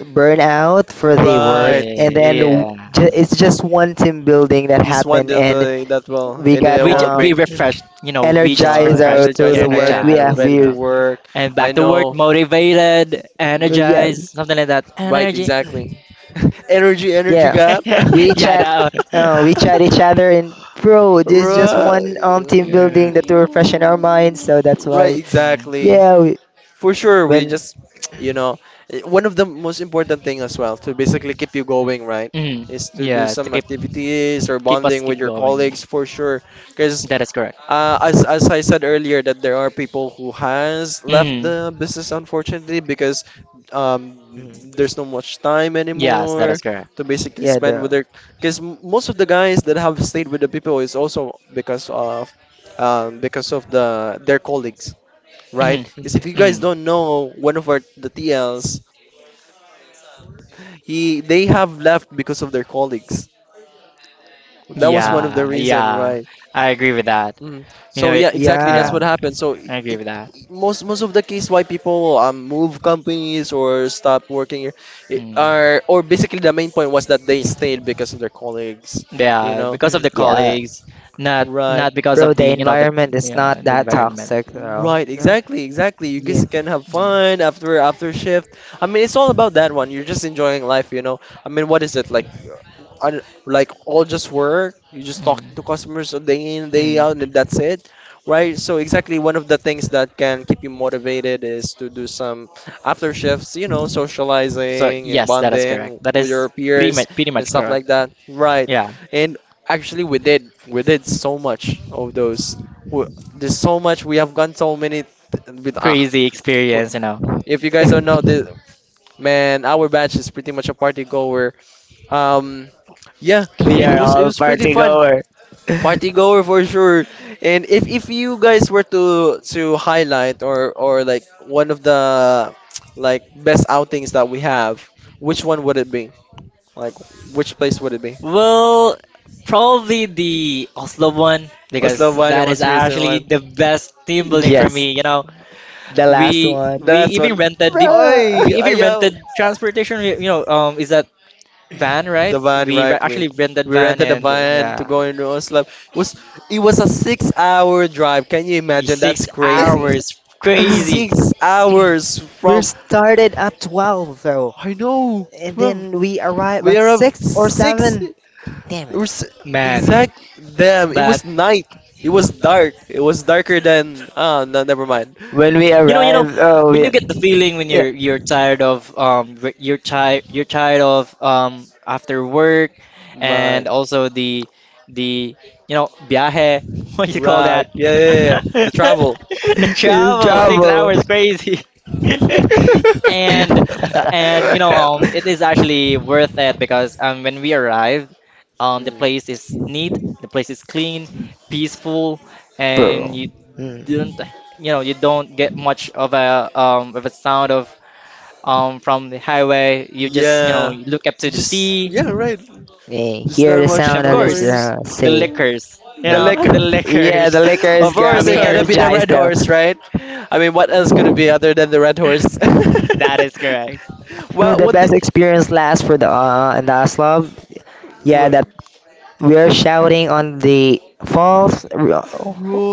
Speaker 3: burnt out
Speaker 1: (laughs)
Speaker 3: for the
Speaker 1: Right.
Speaker 3: work,
Speaker 2: yeah,
Speaker 3: and then w- ju- it's just one team building that
Speaker 1: Just one
Speaker 3: happened, and
Speaker 1: disability that will
Speaker 3: we
Speaker 1: and it
Speaker 3: got
Speaker 1: will
Speaker 2: we
Speaker 1: bring
Speaker 2: refreshed, you
Speaker 3: (clears throat)
Speaker 2: know, we just
Speaker 3: energized
Speaker 1: right
Speaker 3: out
Speaker 2: refreshed,
Speaker 3: to
Speaker 1: energized
Speaker 3: the work.
Speaker 1: again
Speaker 3: We
Speaker 1: or
Speaker 3: are
Speaker 2: energized,
Speaker 1: ready
Speaker 2: you
Speaker 1: to
Speaker 2: know,
Speaker 3: weird.
Speaker 1: work.
Speaker 2: and
Speaker 1: I
Speaker 2: back to work
Speaker 1: know.
Speaker 2: motivated,
Speaker 1: Mm.
Speaker 3: Yeah,
Speaker 2: energized, something like that,
Speaker 1: Right,
Speaker 2: energy.
Speaker 1: exactly. (laughs) Energy, energy
Speaker 3: yeah.
Speaker 1: gap.
Speaker 3: We
Speaker 2: (laughs) yeah,
Speaker 3: chat,
Speaker 2: that one. (laughs)
Speaker 3: we chat each other, and bro,
Speaker 1: (laughs)
Speaker 3: this just one team
Speaker 1: Right,
Speaker 2: yeah,
Speaker 3: building that to refreshen our minds. So that's
Speaker 1: right,
Speaker 3: why,
Speaker 2: mm.
Speaker 1: exactly.
Speaker 3: yeah. We,
Speaker 1: For sure, we
Speaker 3: when
Speaker 1: just, you know, eh, one of the most important thing as well to basically keep you going, right,
Speaker 2: Mm.
Speaker 1: is to do
Speaker 2: Yes, to
Speaker 1: some
Speaker 2: keep
Speaker 1: activities or
Speaker 2: keep us
Speaker 1: bonding with
Speaker 2: keep
Speaker 1: your
Speaker 2: going,
Speaker 1: colleagues for sure. Because
Speaker 2: that is correct.
Speaker 1: as I said earlier, that there are people who has left the
Speaker 2: Mm.
Speaker 1: business unfortunately because um,
Speaker 3: mm,
Speaker 1: there's no much time
Speaker 2: Yes, that
Speaker 1: anymore
Speaker 2: is correct.
Speaker 1: to basically
Speaker 3: yeah,
Speaker 1: spend with
Speaker 3: the.
Speaker 1: their. Because most of the guys that have stayed with the people is also because of the their colleagues, right? Because if you
Speaker 2: Mm-hmm.
Speaker 3: Mhm.
Speaker 1: guys
Speaker 2: Mm.
Speaker 1: don't know, one of our the TLs, he they have left because of their colleagues. That was one
Speaker 3: Um,
Speaker 1: of the
Speaker 2: Yeah,
Speaker 1: reason,
Speaker 2: yeah.
Speaker 1: right?
Speaker 2: I agree with that.
Speaker 1: Mm.
Speaker 2: You
Speaker 1: So
Speaker 2: know it.
Speaker 1: yeah, exactly. That's
Speaker 2: Yeah,
Speaker 1: what
Speaker 3: yeah,
Speaker 1: happened. So
Speaker 2: I agree with that.
Speaker 1: most of the case why people move companies or stop working here
Speaker 2: Mm.
Speaker 1: are or basically the main point was that they stayed because of their colleagues, you
Speaker 2: Yeah,
Speaker 1: know,
Speaker 2: because of
Speaker 3: mm,
Speaker 2: the
Speaker 3: yeah.
Speaker 2: colleagues, not
Speaker 1: right?
Speaker 2: because
Speaker 3: Bro,
Speaker 2: of the,
Speaker 3: the
Speaker 2: you know, the
Speaker 3: environment is
Speaker 2: yeah,
Speaker 3: not
Speaker 2: the
Speaker 3: that
Speaker 2: environment.
Speaker 3: toxic, though.
Speaker 1: Right,
Speaker 3: Mm,
Speaker 1: exactly, exactly. You
Speaker 3: yeah.
Speaker 1: guys can have
Speaker 2: Mm.
Speaker 1: fun after shift. I mean, it's all about that one. You're just enjoying life, you know. I mean, what is it like? I don't- Like all just work. You just talking to
Speaker 2: Mm.
Speaker 1: customers a day in, day out,
Speaker 2: Mm.
Speaker 1: and that's it, right? So exactly, one of the things that can keep you motivated is to do some after shifts, you know,
Speaker 2: So
Speaker 1: socializing and
Speaker 2: yes, that is correct.
Speaker 1: bonding
Speaker 2: That
Speaker 1: with your
Speaker 2: is
Speaker 1: peers
Speaker 2: pretty
Speaker 1: and
Speaker 2: much
Speaker 1: stuff like
Speaker 2: correct.
Speaker 1: that, right?
Speaker 2: Yeah,
Speaker 1: And actually, we did so much of those. There's so much. We have gone so many. With
Speaker 2: crazy
Speaker 1: qu-
Speaker 2: experience, you know.
Speaker 1: if you guys don't
Speaker 3: (laughs)
Speaker 1: know, the man, our batch is pretty much a party goer. Um, yeah,
Speaker 3: We
Speaker 1: and it
Speaker 3: are
Speaker 1: was it
Speaker 3: all
Speaker 2: (laughs)
Speaker 1: was pretty
Speaker 3: party
Speaker 1: fun.
Speaker 3: goer. (laughs)
Speaker 1: Party goer for sure. And if you guys were to highlight or like one of the like best outings that we have, which one would it be? Like which place would it be?
Speaker 2: Well, probably the Oslo one
Speaker 1: What's the
Speaker 2: because
Speaker 1: one and
Speaker 2: that
Speaker 1: what's
Speaker 2: is
Speaker 1: the reason
Speaker 2: actually
Speaker 1: one?
Speaker 2: the best team building for
Speaker 3: Yes,
Speaker 2: me, you know.
Speaker 3: the last
Speaker 2: We
Speaker 3: one.
Speaker 1: The
Speaker 2: we
Speaker 1: last
Speaker 2: even
Speaker 1: one.
Speaker 2: rented the
Speaker 3: Bro,
Speaker 2: we
Speaker 1: Oy,
Speaker 2: even
Speaker 1: ayaw.
Speaker 2: rented transportation. You know, is that van, right?
Speaker 1: The van,
Speaker 2: We
Speaker 1: right? We
Speaker 2: actually rented
Speaker 1: we
Speaker 2: van
Speaker 1: rented a
Speaker 2: and
Speaker 1: van to
Speaker 2: yeah,
Speaker 1: go in Oslo. It was a 6 hour drive. Can you imagine? That's
Speaker 2: six
Speaker 1: crazy.
Speaker 2: hours,
Speaker 3: (laughs)
Speaker 2: crazy.
Speaker 1: Six
Speaker 2: (clears throat)
Speaker 1: hours
Speaker 3: we
Speaker 1: from
Speaker 3: started at 12, though.
Speaker 1: I know
Speaker 3: And
Speaker 1: 12.
Speaker 3: then we arrive
Speaker 1: We
Speaker 3: at
Speaker 1: are up
Speaker 3: 6 or
Speaker 1: six.
Speaker 3: 7. Damn it.
Speaker 1: We're s-
Speaker 2: Man.
Speaker 1: exact. Damn! It
Speaker 2: But
Speaker 1: was night. It was dark. It was darker than no, never mind.
Speaker 3: When we
Speaker 2: you know,
Speaker 3: arrive, oh,
Speaker 2: when you get the
Speaker 3: we,
Speaker 2: feeling when
Speaker 3: yeah,
Speaker 2: you're tired of you're tired, of after work and
Speaker 1: But
Speaker 2: also the, you know, viaje. (laughs) What you call
Speaker 1: right.
Speaker 2: that?
Speaker 1: Yeah, yeah, yeah, yeah.
Speaker 2: (laughs)
Speaker 1: The travel.
Speaker 2: The
Speaker 3: (laughs) we're in
Speaker 2: travel, six
Speaker 3: trouble.
Speaker 2: hours crazy. (laughs) and and, you know, um, it is
Speaker 3: (laughs)
Speaker 2: actually worth it because, um, when we arrived,
Speaker 1: (laughs)
Speaker 2: um, the
Speaker 1: Hmm.
Speaker 2: place is neat, the place is clean, peaceful, and
Speaker 3: Bro.
Speaker 2: you
Speaker 3: Mm.
Speaker 2: didn't you know, you don't get much of a, um, of a sound of, um, from the highway. You just, you know,
Speaker 1: Yeah,
Speaker 2: you look up to the
Speaker 1: just
Speaker 2: sea,
Speaker 1: yeah, right.
Speaker 3: Hey,
Speaker 1: There's
Speaker 3: hear
Speaker 1: not
Speaker 3: the
Speaker 1: much
Speaker 2: and of
Speaker 3: sound of this
Speaker 2: course
Speaker 1: noise.
Speaker 3: drum.
Speaker 2: the
Speaker 3: Say,
Speaker 1: Mm,
Speaker 2: liquors, you
Speaker 1: the
Speaker 3: yeah,
Speaker 2: know, (laughs) the
Speaker 1: liquor. (laughs)
Speaker 3: yeah,
Speaker 2: liquors,
Speaker 3: the liquors
Speaker 1: Of
Speaker 2: (laughs)
Speaker 3: got
Speaker 1: course,
Speaker 2: of
Speaker 3: me
Speaker 1: it gotta be
Speaker 2: course.
Speaker 1: the
Speaker 3: energized
Speaker 1: red
Speaker 3: though.
Speaker 1: horse, right? I mean, what else could it be other than the red horse? (laughs)
Speaker 2: That is correct.
Speaker 3: Bro,
Speaker 1: Well,
Speaker 3: the
Speaker 1: what
Speaker 3: best
Speaker 1: did
Speaker 3: experience last for the in the club. Yeah,
Speaker 1: right?
Speaker 3: that we're shouting on the falls.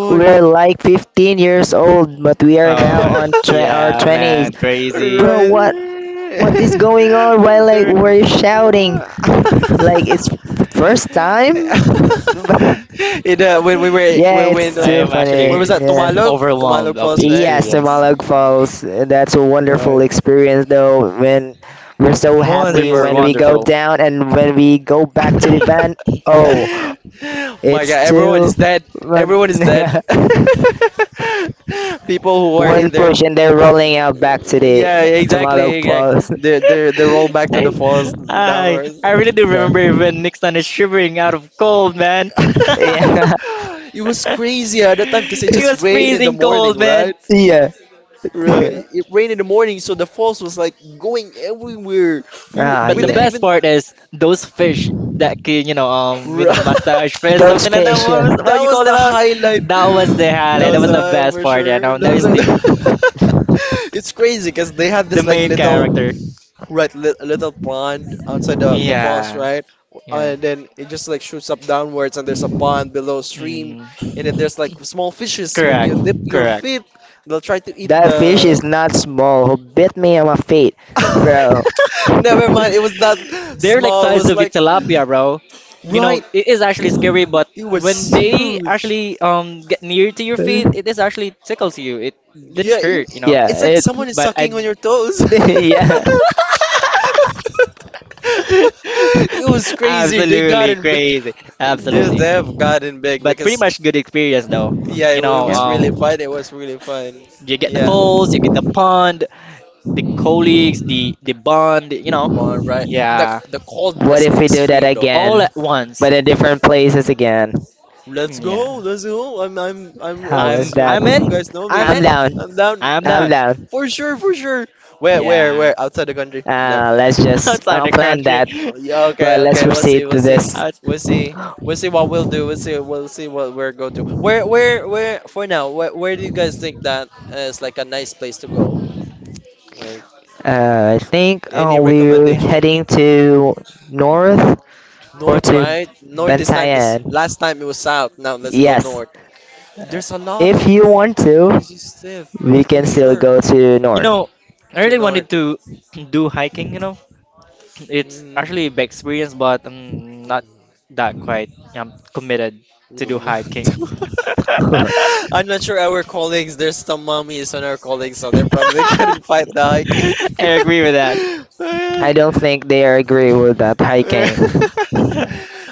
Speaker 3: We're like 15 years old, but we are
Speaker 2: Oh
Speaker 3: now
Speaker 2: my,
Speaker 3: on our
Speaker 2: yeah,
Speaker 1: Right.
Speaker 3: 20s.
Speaker 2: man,
Speaker 1: (laughs)
Speaker 2: crazy.
Speaker 3: Bro, what
Speaker 1: Right.
Speaker 3: what is going on? Why
Speaker 1: (laughs)
Speaker 3: like
Speaker 1: There. (laughs)
Speaker 3: we're shouting? Like it's first
Speaker 1: (laughs)
Speaker 3: time? (laughs)
Speaker 1: in when we
Speaker 2: (laughs)
Speaker 1: were
Speaker 3: Yeah,
Speaker 1: when
Speaker 3: it's
Speaker 2: I
Speaker 3: too
Speaker 2: am
Speaker 1: where
Speaker 3: funny.
Speaker 1: was
Speaker 2: actually
Speaker 1: that
Speaker 3: Yeah.
Speaker 1: Tumalog
Speaker 2: overwhelmed of the
Speaker 1: Falls, right?
Speaker 3: Yes, the
Speaker 2: experience.
Speaker 3: Malag Falls. That's a wonderful
Speaker 1: But
Speaker 3: experience, though. When we're so happy
Speaker 2: Wonderful,
Speaker 3: when
Speaker 1: crazy.
Speaker 3: we go
Speaker 2: wonderful.
Speaker 3: down and when we go back to the
Speaker 2: Mhm.
Speaker 3: van, oh,
Speaker 1: (laughs) My
Speaker 3: it's
Speaker 1: god, everyone
Speaker 3: two,
Speaker 1: is dead, everyone is
Speaker 3: one, (laughs)
Speaker 1: dead. (laughs) People who were in
Speaker 3: one
Speaker 1: there,
Speaker 3: push, and they're rolling out back to the
Speaker 1: yeah,
Speaker 3: to Malag
Speaker 1: exactly, yeah.
Speaker 3: Falls.
Speaker 1: They roll
Speaker 2: (laughs)
Speaker 1: back to the
Speaker 2: I,
Speaker 1: falls downwards.
Speaker 2: I really do
Speaker 3: Yeah,
Speaker 2: remember when Nixon is shivering out of cold, man.
Speaker 1: (laughs)
Speaker 3: yeah,
Speaker 1: It was
Speaker 2: (laughs)
Speaker 1: crazy at that time because it
Speaker 2: He
Speaker 1: just
Speaker 2: was
Speaker 1: rained in the
Speaker 2: freezing
Speaker 1: morning,
Speaker 2: cold, man.
Speaker 1: right?
Speaker 3: (laughs) yeah, yeah.
Speaker 1: Right. It rained in the morning, so the falls was like going everywhere.
Speaker 3: Ah,
Speaker 2: But
Speaker 1: We
Speaker 2: the
Speaker 3: yeah.
Speaker 1: didn't
Speaker 2: best
Speaker 1: even.
Speaker 2: part is those fish that can, you know,
Speaker 1: Right. (laughs)
Speaker 2: massage fish,
Speaker 3: Those
Speaker 2: something like that.
Speaker 3: fish,
Speaker 2: What was
Speaker 3: yeah.
Speaker 1: That
Speaker 2: what you
Speaker 1: was
Speaker 2: call them
Speaker 1: the
Speaker 2: out?
Speaker 1: highlight.
Speaker 2: That was the
Speaker 1: That
Speaker 2: highlight. That
Speaker 1: was,
Speaker 2: was the best
Speaker 1: for
Speaker 2: part. Yeah,
Speaker 1: sure.
Speaker 2: now that
Speaker 1: Those
Speaker 2: is
Speaker 1: are. The (laughs)
Speaker 3: (laughs)
Speaker 1: it's crazy because they had
Speaker 2: the
Speaker 1: this like
Speaker 2: main
Speaker 1: little
Speaker 2: character.
Speaker 1: right little pond outside the falls,
Speaker 2: Yeah,
Speaker 1: right?
Speaker 2: yeah.
Speaker 1: And then it just like shoots up downwards, and there's a pond below stream,
Speaker 2: Mm,
Speaker 1: and then there's like small fishes. When you
Speaker 2: correct,
Speaker 1: dip your
Speaker 2: correct.
Speaker 1: feet, they'll try to eat
Speaker 3: That fish is
Speaker 1: the
Speaker 3: not small. Who bit me on my feet, bro?
Speaker 2: (laughs)
Speaker 1: (laughs) Never mind, it was not
Speaker 2: They're like
Speaker 1: small. It
Speaker 2: size
Speaker 1: was
Speaker 2: of a
Speaker 1: like
Speaker 2: tilapia, bro. You know,
Speaker 1: right.
Speaker 2: it is actually scary, but
Speaker 1: It
Speaker 2: when
Speaker 1: was
Speaker 2: they
Speaker 1: huge.
Speaker 2: actually get near to your feet, it
Speaker 3: (laughs)
Speaker 2: is actually tickles you. It didn't
Speaker 1: Yeah, it,
Speaker 2: hurt, you know.
Speaker 3: Yeah,
Speaker 1: it's like
Speaker 3: it.
Speaker 1: someone is
Speaker 2: But I.
Speaker 1: sucking on your toes.
Speaker 3: (laughs)
Speaker 1: (laughs)
Speaker 3: Yeah,
Speaker 2: (laughs)
Speaker 1: It was crazy. They got
Speaker 2: Absolutely
Speaker 1: in.
Speaker 2: crazy. Absolutely.
Speaker 1: They have gotten big
Speaker 2: But pretty
Speaker 1: because
Speaker 2: much good experience though.
Speaker 1: yeah,
Speaker 2: You
Speaker 1: it
Speaker 2: know,
Speaker 3: yeah.
Speaker 1: was really fun. It was really fun.
Speaker 2: you get the
Speaker 1: Yeah,
Speaker 2: falls, you get the pond, the colleagues, the bond, you know.
Speaker 1: the one right.
Speaker 2: Yeah.
Speaker 1: The cold
Speaker 3: What
Speaker 1: was
Speaker 3: if we do that
Speaker 1: extreme.
Speaker 2: All
Speaker 3: again,
Speaker 2: at once.
Speaker 3: but in different places again?
Speaker 1: Let's go,
Speaker 2: Yeah.
Speaker 1: let's go. I'm
Speaker 3: How is
Speaker 2: I'm
Speaker 1: always doing
Speaker 3: that?
Speaker 1: it.
Speaker 2: I'm
Speaker 1: You
Speaker 2: in.
Speaker 1: guys know
Speaker 2: I'm
Speaker 1: me.
Speaker 3: I'm
Speaker 2: in.
Speaker 3: down.
Speaker 1: I'm down.
Speaker 2: I'm
Speaker 3: I'm
Speaker 1: (laughs)
Speaker 2: down.
Speaker 3: down.
Speaker 1: For sure, for sure. Where
Speaker 2: Yeah.
Speaker 1: where? Outside the country. Never.
Speaker 3: Let's
Speaker 2: (laughs)
Speaker 3: just
Speaker 2: Outside the
Speaker 3: plan
Speaker 2: country.
Speaker 3: that.
Speaker 2: (laughs)
Speaker 1: Oh, yeah, okay,
Speaker 3: But let's
Speaker 1: okay. We'll see,
Speaker 3: proceed
Speaker 1: we'll
Speaker 3: to
Speaker 1: see.
Speaker 3: this.
Speaker 2: Outs-
Speaker 1: We'll see. We'll see what we'll do. We'll see what we're going to. Where for now, where do you guys think that is like a nice place to go? Like
Speaker 3: I think
Speaker 1: any
Speaker 3: we're
Speaker 1: recommendation?
Speaker 3: heading to north or
Speaker 1: North,
Speaker 3: to
Speaker 1: right? North this time because
Speaker 3: Bantayan.
Speaker 1: last time it was south. Now let's go
Speaker 3: Yes.
Speaker 1: north. There's a lot
Speaker 3: If
Speaker 1: of
Speaker 3: you want to,
Speaker 1: music stuff
Speaker 3: we
Speaker 1: for
Speaker 3: can still
Speaker 1: sure
Speaker 3: go to
Speaker 2: You
Speaker 3: north.
Speaker 2: know, I
Speaker 1: to
Speaker 2: really
Speaker 1: north.
Speaker 2: wanted to do hiking, you know. It's
Speaker 1: Mm,
Speaker 2: actually a big
Speaker 1: mm,
Speaker 2: experience, but I'm not that quite committed
Speaker 1: we
Speaker 2: to do
Speaker 1: don't want
Speaker 2: hiking.
Speaker 1: to.
Speaker 2: (laughs)
Speaker 3: (laughs)
Speaker 1: (laughs) I'm not sure our colleagues, there's some mummies on our colleagues, so they probably (laughs) couldn't fight the
Speaker 2: I agree with that.
Speaker 1: hiking.
Speaker 3: I
Speaker 1: (laughs)
Speaker 3: don't think they are agree with that
Speaker 1: (laughs)
Speaker 3: hiking.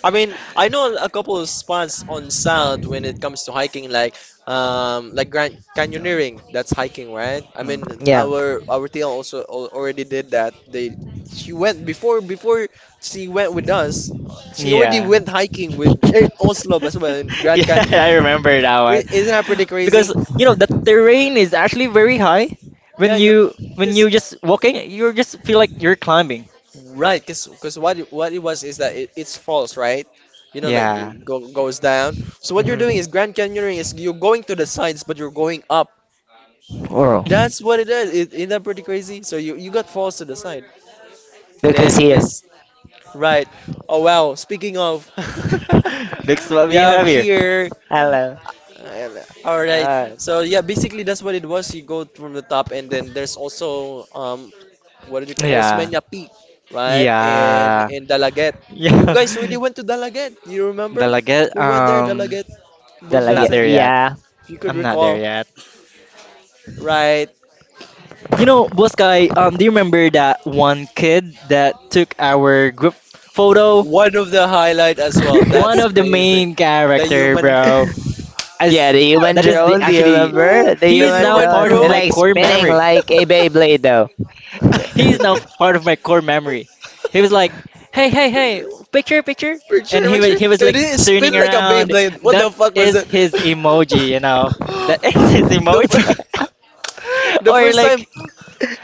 Speaker 1: I mean, I know a couple of spots on South when it comes to hiking, like Grand
Speaker 2: No.
Speaker 1: Canyoneering. That's hiking, right? I
Speaker 2: Um,
Speaker 1: mean,
Speaker 3: (laughs) Yeah.
Speaker 1: our TL also already did that. They she went before she went with us. She already
Speaker 2: Yeah.
Speaker 1: went hiking with eh, Oslo as well in
Speaker 2: (laughs)
Speaker 1: Grand
Speaker 2: Yeah,
Speaker 1: Canyon.
Speaker 2: I remember that one.
Speaker 1: Pre- Isn't that pretty crazy?
Speaker 2: Because you know the terrain is actually very high.
Speaker 1: Yeah,
Speaker 2: When
Speaker 1: you
Speaker 2: you when
Speaker 1: just
Speaker 2: you just walking, you just feel like you're climbing.
Speaker 1: right, 'cause what what it was is that it's false, right? You know, like
Speaker 2: Yeah.
Speaker 1: it goes down. So what you're doing
Speaker 3: Hmm.
Speaker 1: is Grand Canyoning is you're going to the sides, but you're going up.
Speaker 3: Oral.
Speaker 1: That's what it is. It, isn't that pretty crazy? So you got falls to the side, and
Speaker 3: Because
Speaker 1: then it
Speaker 3: here.
Speaker 1: just right. Oh wow! Speaking of, (laughs)
Speaker 2: (laughs) That's what
Speaker 1: we
Speaker 2: we
Speaker 1: have
Speaker 2: have.
Speaker 1: here.
Speaker 3: Hello.
Speaker 1: uh, All right.
Speaker 3: Uh,
Speaker 1: So yeah, basically that's what it was. You go from the top, and then there's also what did you call
Speaker 2: Yeah.
Speaker 1: Osmeña Peak, right?
Speaker 2: Yeah.
Speaker 1: In Dalaget. You guys
Speaker 2: Yeah.
Speaker 1: really went
Speaker 2: (laughs)
Speaker 1: to Dalaget. You remember?
Speaker 2: Dalaga,
Speaker 1: We went there, Dalaget,
Speaker 3: don't like
Speaker 2: not
Speaker 3: it.
Speaker 1: Bosjase,
Speaker 2: there yet.
Speaker 3: Yeah.
Speaker 1: if you could
Speaker 2: I'm not there
Speaker 1: recall,
Speaker 2: yet.
Speaker 1: right?
Speaker 2: You know, boss guy, do you remember that one kid that took our group photo?
Speaker 1: One of the highlight as well.
Speaker 3: (laughs)
Speaker 2: One
Speaker 1: That's
Speaker 2: of the
Speaker 1: crazy.
Speaker 2: main
Speaker 1: The
Speaker 2: character,
Speaker 1: human
Speaker 2: bro.
Speaker 3: Yeah,
Speaker 2: As
Speaker 3: the human
Speaker 2: That is the
Speaker 3: drone. Do you
Speaker 2: actually,
Speaker 3: remember? The
Speaker 1: (laughs)
Speaker 2: he
Speaker 1: the
Speaker 2: is
Speaker 3: human
Speaker 2: now
Speaker 1: human
Speaker 3: drone.
Speaker 2: part of
Speaker 3: It
Speaker 1: drone.
Speaker 2: my
Speaker 1: (laughs)
Speaker 3: like
Speaker 2: core
Speaker 3: spinning
Speaker 2: memory.
Speaker 3: like a Beyblade though.
Speaker 2: He's now part of my core memory. He was like, "Hey, hey, hey, picture, picture," and
Speaker 1: Picture,
Speaker 2: he was
Speaker 1: picture. And
Speaker 2: like
Speaker 1: it
Speaker 2: turning
Speaker 1: spin like a
Speaker 2: around.
Speaker 1: Beyblade. What
Speaker 2: That
Speaker 1: the fuck was
Speaker 2: is
Speaker 1: that? (laughs)
Speaker 2: his emoji, you know.
Speaker 1: (laughs)
Speaker 2: That (laughs) is his
Speaker 1: the
Speaker 2: emoji.
Speaker 1: fir- (laughs)
Speaker 2: (laughs)
Speaker 1: the
Speaker 2: Or
Speaker 1: first time
Speaker 2: like,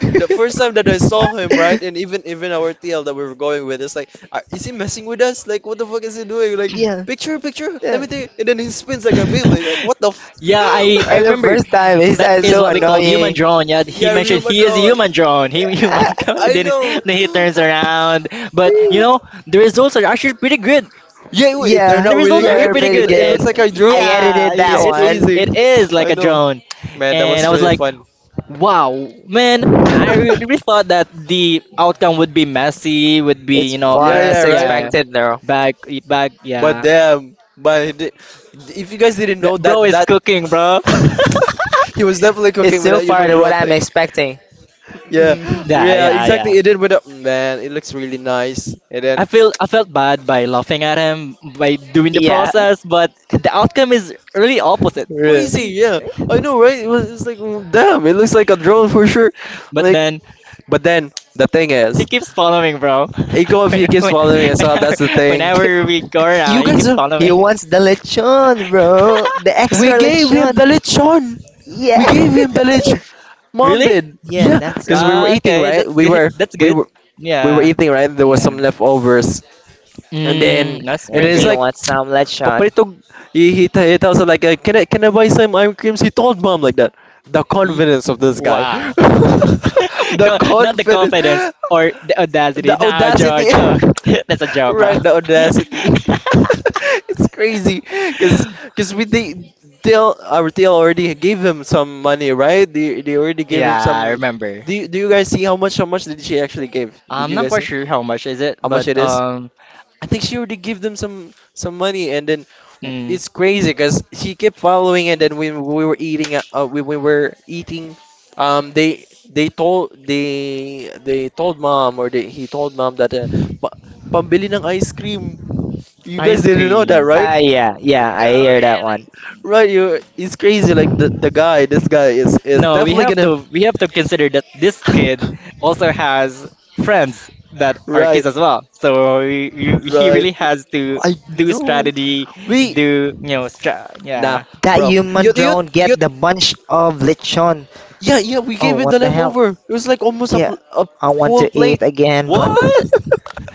Speaker 1: the first time that I saw him right and even our TL that we were going with is like "Are- is he messing with us
Speaker 3: (laughs)
Speaker 1: like
Speaker 3: (laughs)
Speaker 1: what the fuck is he doing like
Speaker 3: Yeah.
Speaker 1: picture picture let
Speaker 3: Yeah.
Speaker 1: me take and then he spins like a
Speaker 2: (laughs)
Speaker 1: Beyblade like what the f"
Speaker 2: yeah, I
Speaker 3: The
Speaker 2: remember.
Speaker 3: first time is
Speaker 2: That is
Speaker 3: so
Speaker 2: what we call human
Speaker 3: annoying.
Speaker 2: drone. Yeah,
Speaker 1: (laughs)
Speaker 2: he
Speaker 1: yeah
Speaker 2: mentioned
Speaker 1: human
Speaker 2: he is a
Speaker 1: drone
Speaker 2: human drone. He (laughs) human
Speaker 3: Ah,
Speaker 2: drone, and
Speaker 1: I
Speaker 2: then,
Speaker 1: know
Speaker 2: then he turns around. But you know, the results are actually pretty good.
Speaker 1: yeah wait, they're
Speaker 3: yeah,
Speaker 2: The
Speaker 1: not really
Speaker 2: results are
Speaker 3: yeah,
Speaker 2: actually
Speaker 3: they're
Speaker 1: good,
Speaker 2: pretty
Speaker 3: pretty
Speaker 1: it,
Speaker 2: good,
Speaker 1: it
Speaker 2: and
Speaker 1: looks
Speaker 3: good.
Speaker 1: like a
Speaker 3: I
Speaker 1: drone,
Speaker 2: yeah,
Speaker 3: edited
Speaker 2: yeah,
Speaker 3: that
Speaker 1: it's
Speaker 3: one.
Speaker 1: crazy.
Speaker 2: it is like
Speaker 1: I
Speaker 2: a
Speaker 1: know,
Speaker 2: drone,
Speaker 1: man that
Speaker 2: and
Speaker 1: was
Speaker 2: I was
Speaker 1: really
Speaker 2: like,
Speaker 1: fun.
Speaker 2: wow, man, I really
Speaker 1: (laughs)
Speaker 2: thought that the outcome would be messy, would be,
Speaker 3: It's
Speaker 2: you know,
Speaker 3: far
Speaker 1: Yeah,
Speaker 2: a,
Speaker 1: yeah,
Speaker 3: as
Speaker 1: right.
Speaker 2: yeah,
Speaker 3: expected though.
Speaker 2: bag, eat bag,
Speaker 1: But
Speaker 2: yeah.
Speaker 1: damn, but if you guys didn't know that
Speaker 2: Bro is cooking, bro. (laughs)
Speaker 1: (laughs) he was definitely
Speaker 3: It's
Speaker 1: cooking with
Speaker 3: still
Speaker 1: that
Speaker 3: far
Speaker 1: human
Speaker 3: than what
Speaker 1: drone
Speaker 3: I'm
Speaker 1: thing.
Speaker 3: expecting. (laughs)
Speaker 1: Yeah,
Speaker 3: Mhm.
Speaker 2: Yeah,
Speaker 1: yeah,
Speaker 2: yeah, yeah.
Speaker 1: exactly. It did with that man. It looks really nice. And
Speaker 2: I
Speaker 1: then
Speaker 2: feel I felt bad by laughing at him by doing the
Speaker 3: Yeah.
Speaker 2: process, but the outcome is really opposite.
Speaker 3: Really.
Speaker 1: crazy, yeah. I
Speaker 2: (laughs)
Speaker 1: know, right? It was, it's like damn. It looks like a drone for sure.
Speaker 2: But
Speaker 1: Like,
Speaker 2: then.
Speaker 1: but then the thing
Speaker 2: He
Speaker 1: is,
Speaker 2: keeps following, bro.
Speaker 1: Iko
Speaker 2: (laughs)
Speaker 1: if he
Speaker 2: when,
Speaker 1: keeps
Speaker 2: when,
Speaker 1: following as well.
Speaker 2: whenever,
Speaker 1: That's the thing.
Speaker 2: whenever
Speaker 3: (laughs)
Speaker 2: we go around,
Speaker 1: You
Speaker 2: he
Speaker 1: guys,
Speaker 2: keeps
Speaker 1: are-
Speaker 3: He
Speaker 2: following.
Speaker 3: wants the lechon, bro. The
Speaker 1: we
Speaker 3: extra
Speaker 2: (laughs)
Speaker 1: gave him
Speaker 3: lechon.
Speaker 1: the lechon.
Speaker 3: Yeah.
Speaker 1: We gave
Speaker 3: (laughs)
Speaker 1: him the lech. Mom
Speaker 2: Really?
Speaker 1: did.
Speaker 3: Yeah,
Speaker 1: Yeah,
Speaker 3: that's.
Speaker 1: because we were
Speaker 2: Right.
Speaker 1: eating,
Speaker 2: Okay,
Speaker 1: right?
Speaker 2: that's good. That's
Speaker 1: We
Speaker 2: good.
Speaker 1: were, we were
Speaker 2: Yeah.
Speaker 1: eating, right? There was some
Speaker 2: Yeah.
Speaker 1: leftovers, and then
Speaker 2: Mm, that's
Speaker 1: it
Speaker 3: Yeah,
Speaker 2: very
Speaker 1: is
Speaker 3: he
Speaker 2: good.
Speaker 1: like
Speaker 3: wants some lechon.
Speaker 1: Papito. He tells her like, "Can I buy some ice creams?" He told mom like that. The
Speaker 2: Ye-
Speaker 1: confidence of this guy, (laughs)
Speaker 2: Wow. (laughs)
Speaker 1: the
Speaker 2: No, not the
Speaker 1: confidence,
Speaker 2: confidence or the audacity.
Speaker 1: the
Speaker 2: No, joke,
Speaker 1: audacity,
Speaker 2: joke. (laughs) That's a
Speaker 1: (laughs)
Speaker 2: joke, bro.
Speaker 1: right? The audacity. (laughs) It's crazy, cause
Speaker 2: (laughs)
Speaker 1: cause we they Dale already gave him some money, right? They already gave him
Speaker 2: Yeah, I
Speaker 1: some.
Speaker 2: remember.
Speaker 1: Do you guys see how much did she actually give? Did
Speaker 2: I'm
Speaker 1: you
Speaker 2: not
Speaker 1: guys
Speaker 2: quite
Speaker 1: see
Speaker 2: sure how much is it,
Speaker 1: how much
Speaker 2: but
Speaker 1: it is? I think she already gave them some money, and then
Speaker 2: mm,
Speaker 1: it's crazy because she kept following, and then when we were eating, when we were eating, they told mom or they he told mom that pa pambili ng ice cream. You guys
Speaker 2: Ice
Speaker 1: didn't know that,
Speaker 2: cream.
Speaker 1: right?
Speaker 3: Ah, yeah, yeah, I hear
Speaker 1: Grabe,
Speaker 3: that one.
Speaker 1: like- Right, you it's crazy. Like the guy, this guy is
Speaker 2: No, we
Speaker 1: definitely
Speaker 2: have
Speaker 1: gonna.
Speaker 2: to consider that this kid
Speaker 1: (laughs)
Speaker 2: also has friends that are kids
Speaker 1: Right,
Speaker 2: as well. So he
Speaker 1: right.
Speaker 2: really has to
Speaker 1: I
Speaker 2: do
Speaker 1: know.
Speaker 2: strategy,
Speaker 1: We
Speaker 2: do you know,
Speaker 1: Nah,
Speaker 2: yeah.
Speaker 3: That
Speaker 1: bro.
Speaker 2: (laughs)
Speaker 3: human
Speaker 1: You, you,
Speaker 3: drone
Speaker 1: you.
Speaker 3: get the bunch of lechon.
Speaker 1: Yeah, yeah. We
Speaker 3: Oh,
Speaker 1: gave him
Speaker 3: what
Speaker 1: the
Speaker 3: the hell?
Speaker 1: leftover. It was like almost
Speaker 3: Yeah,
Speaker 1: a
Speaker 3: I want to
Speaker 1: full
Speaker 3: eat
Speaker 1: plate.
Speaker 3: again, but
Speaker 2: What,
Speaker 1: (laughs)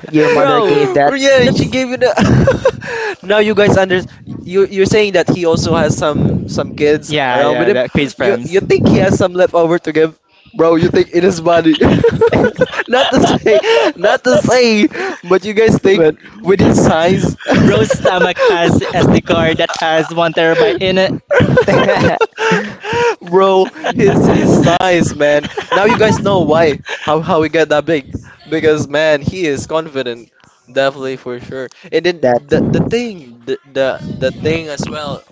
Speaker 3: your mother
Speaker 2: bro?
Speaker 3: gave that.
Speaker 1: Yeah,
Speaker 2: That's
Speaker 1: she gave it. A (laughs) now you guys under. You you're saying that he also has some kids
Speaker 2: Yeah,
Speaker 1: around with
Speaker 2: yeah.
Speaker 1: him.
Speaker 2: That quiz
Speaker 1: You
Speaker 2: friends.
Speaker 1: think he has some leftover to give, bro? You think in his body? (laughs)
Speaker 3: (laughs)
Speaker 1: not to say, not to say, but you guys think
Speaker 3: But
Speaker 1: with his
Speaker 3: (laughs)
Speaker 1: size.
Speaker 2: (laughs) Bro's stomach has SD card that has 1 TB in it.
Speaker 1: (laughs) (laughs) Bro, his size,
Speaker 2: (laughs)
Speaker 1: man. Now you guys know why how we get that big because man, he is confident, definitely for sure. And then
Speaker 3: that
Speaker 1: the the
Speaker 3: the
Speaker 1: thing, the the, the thing as well.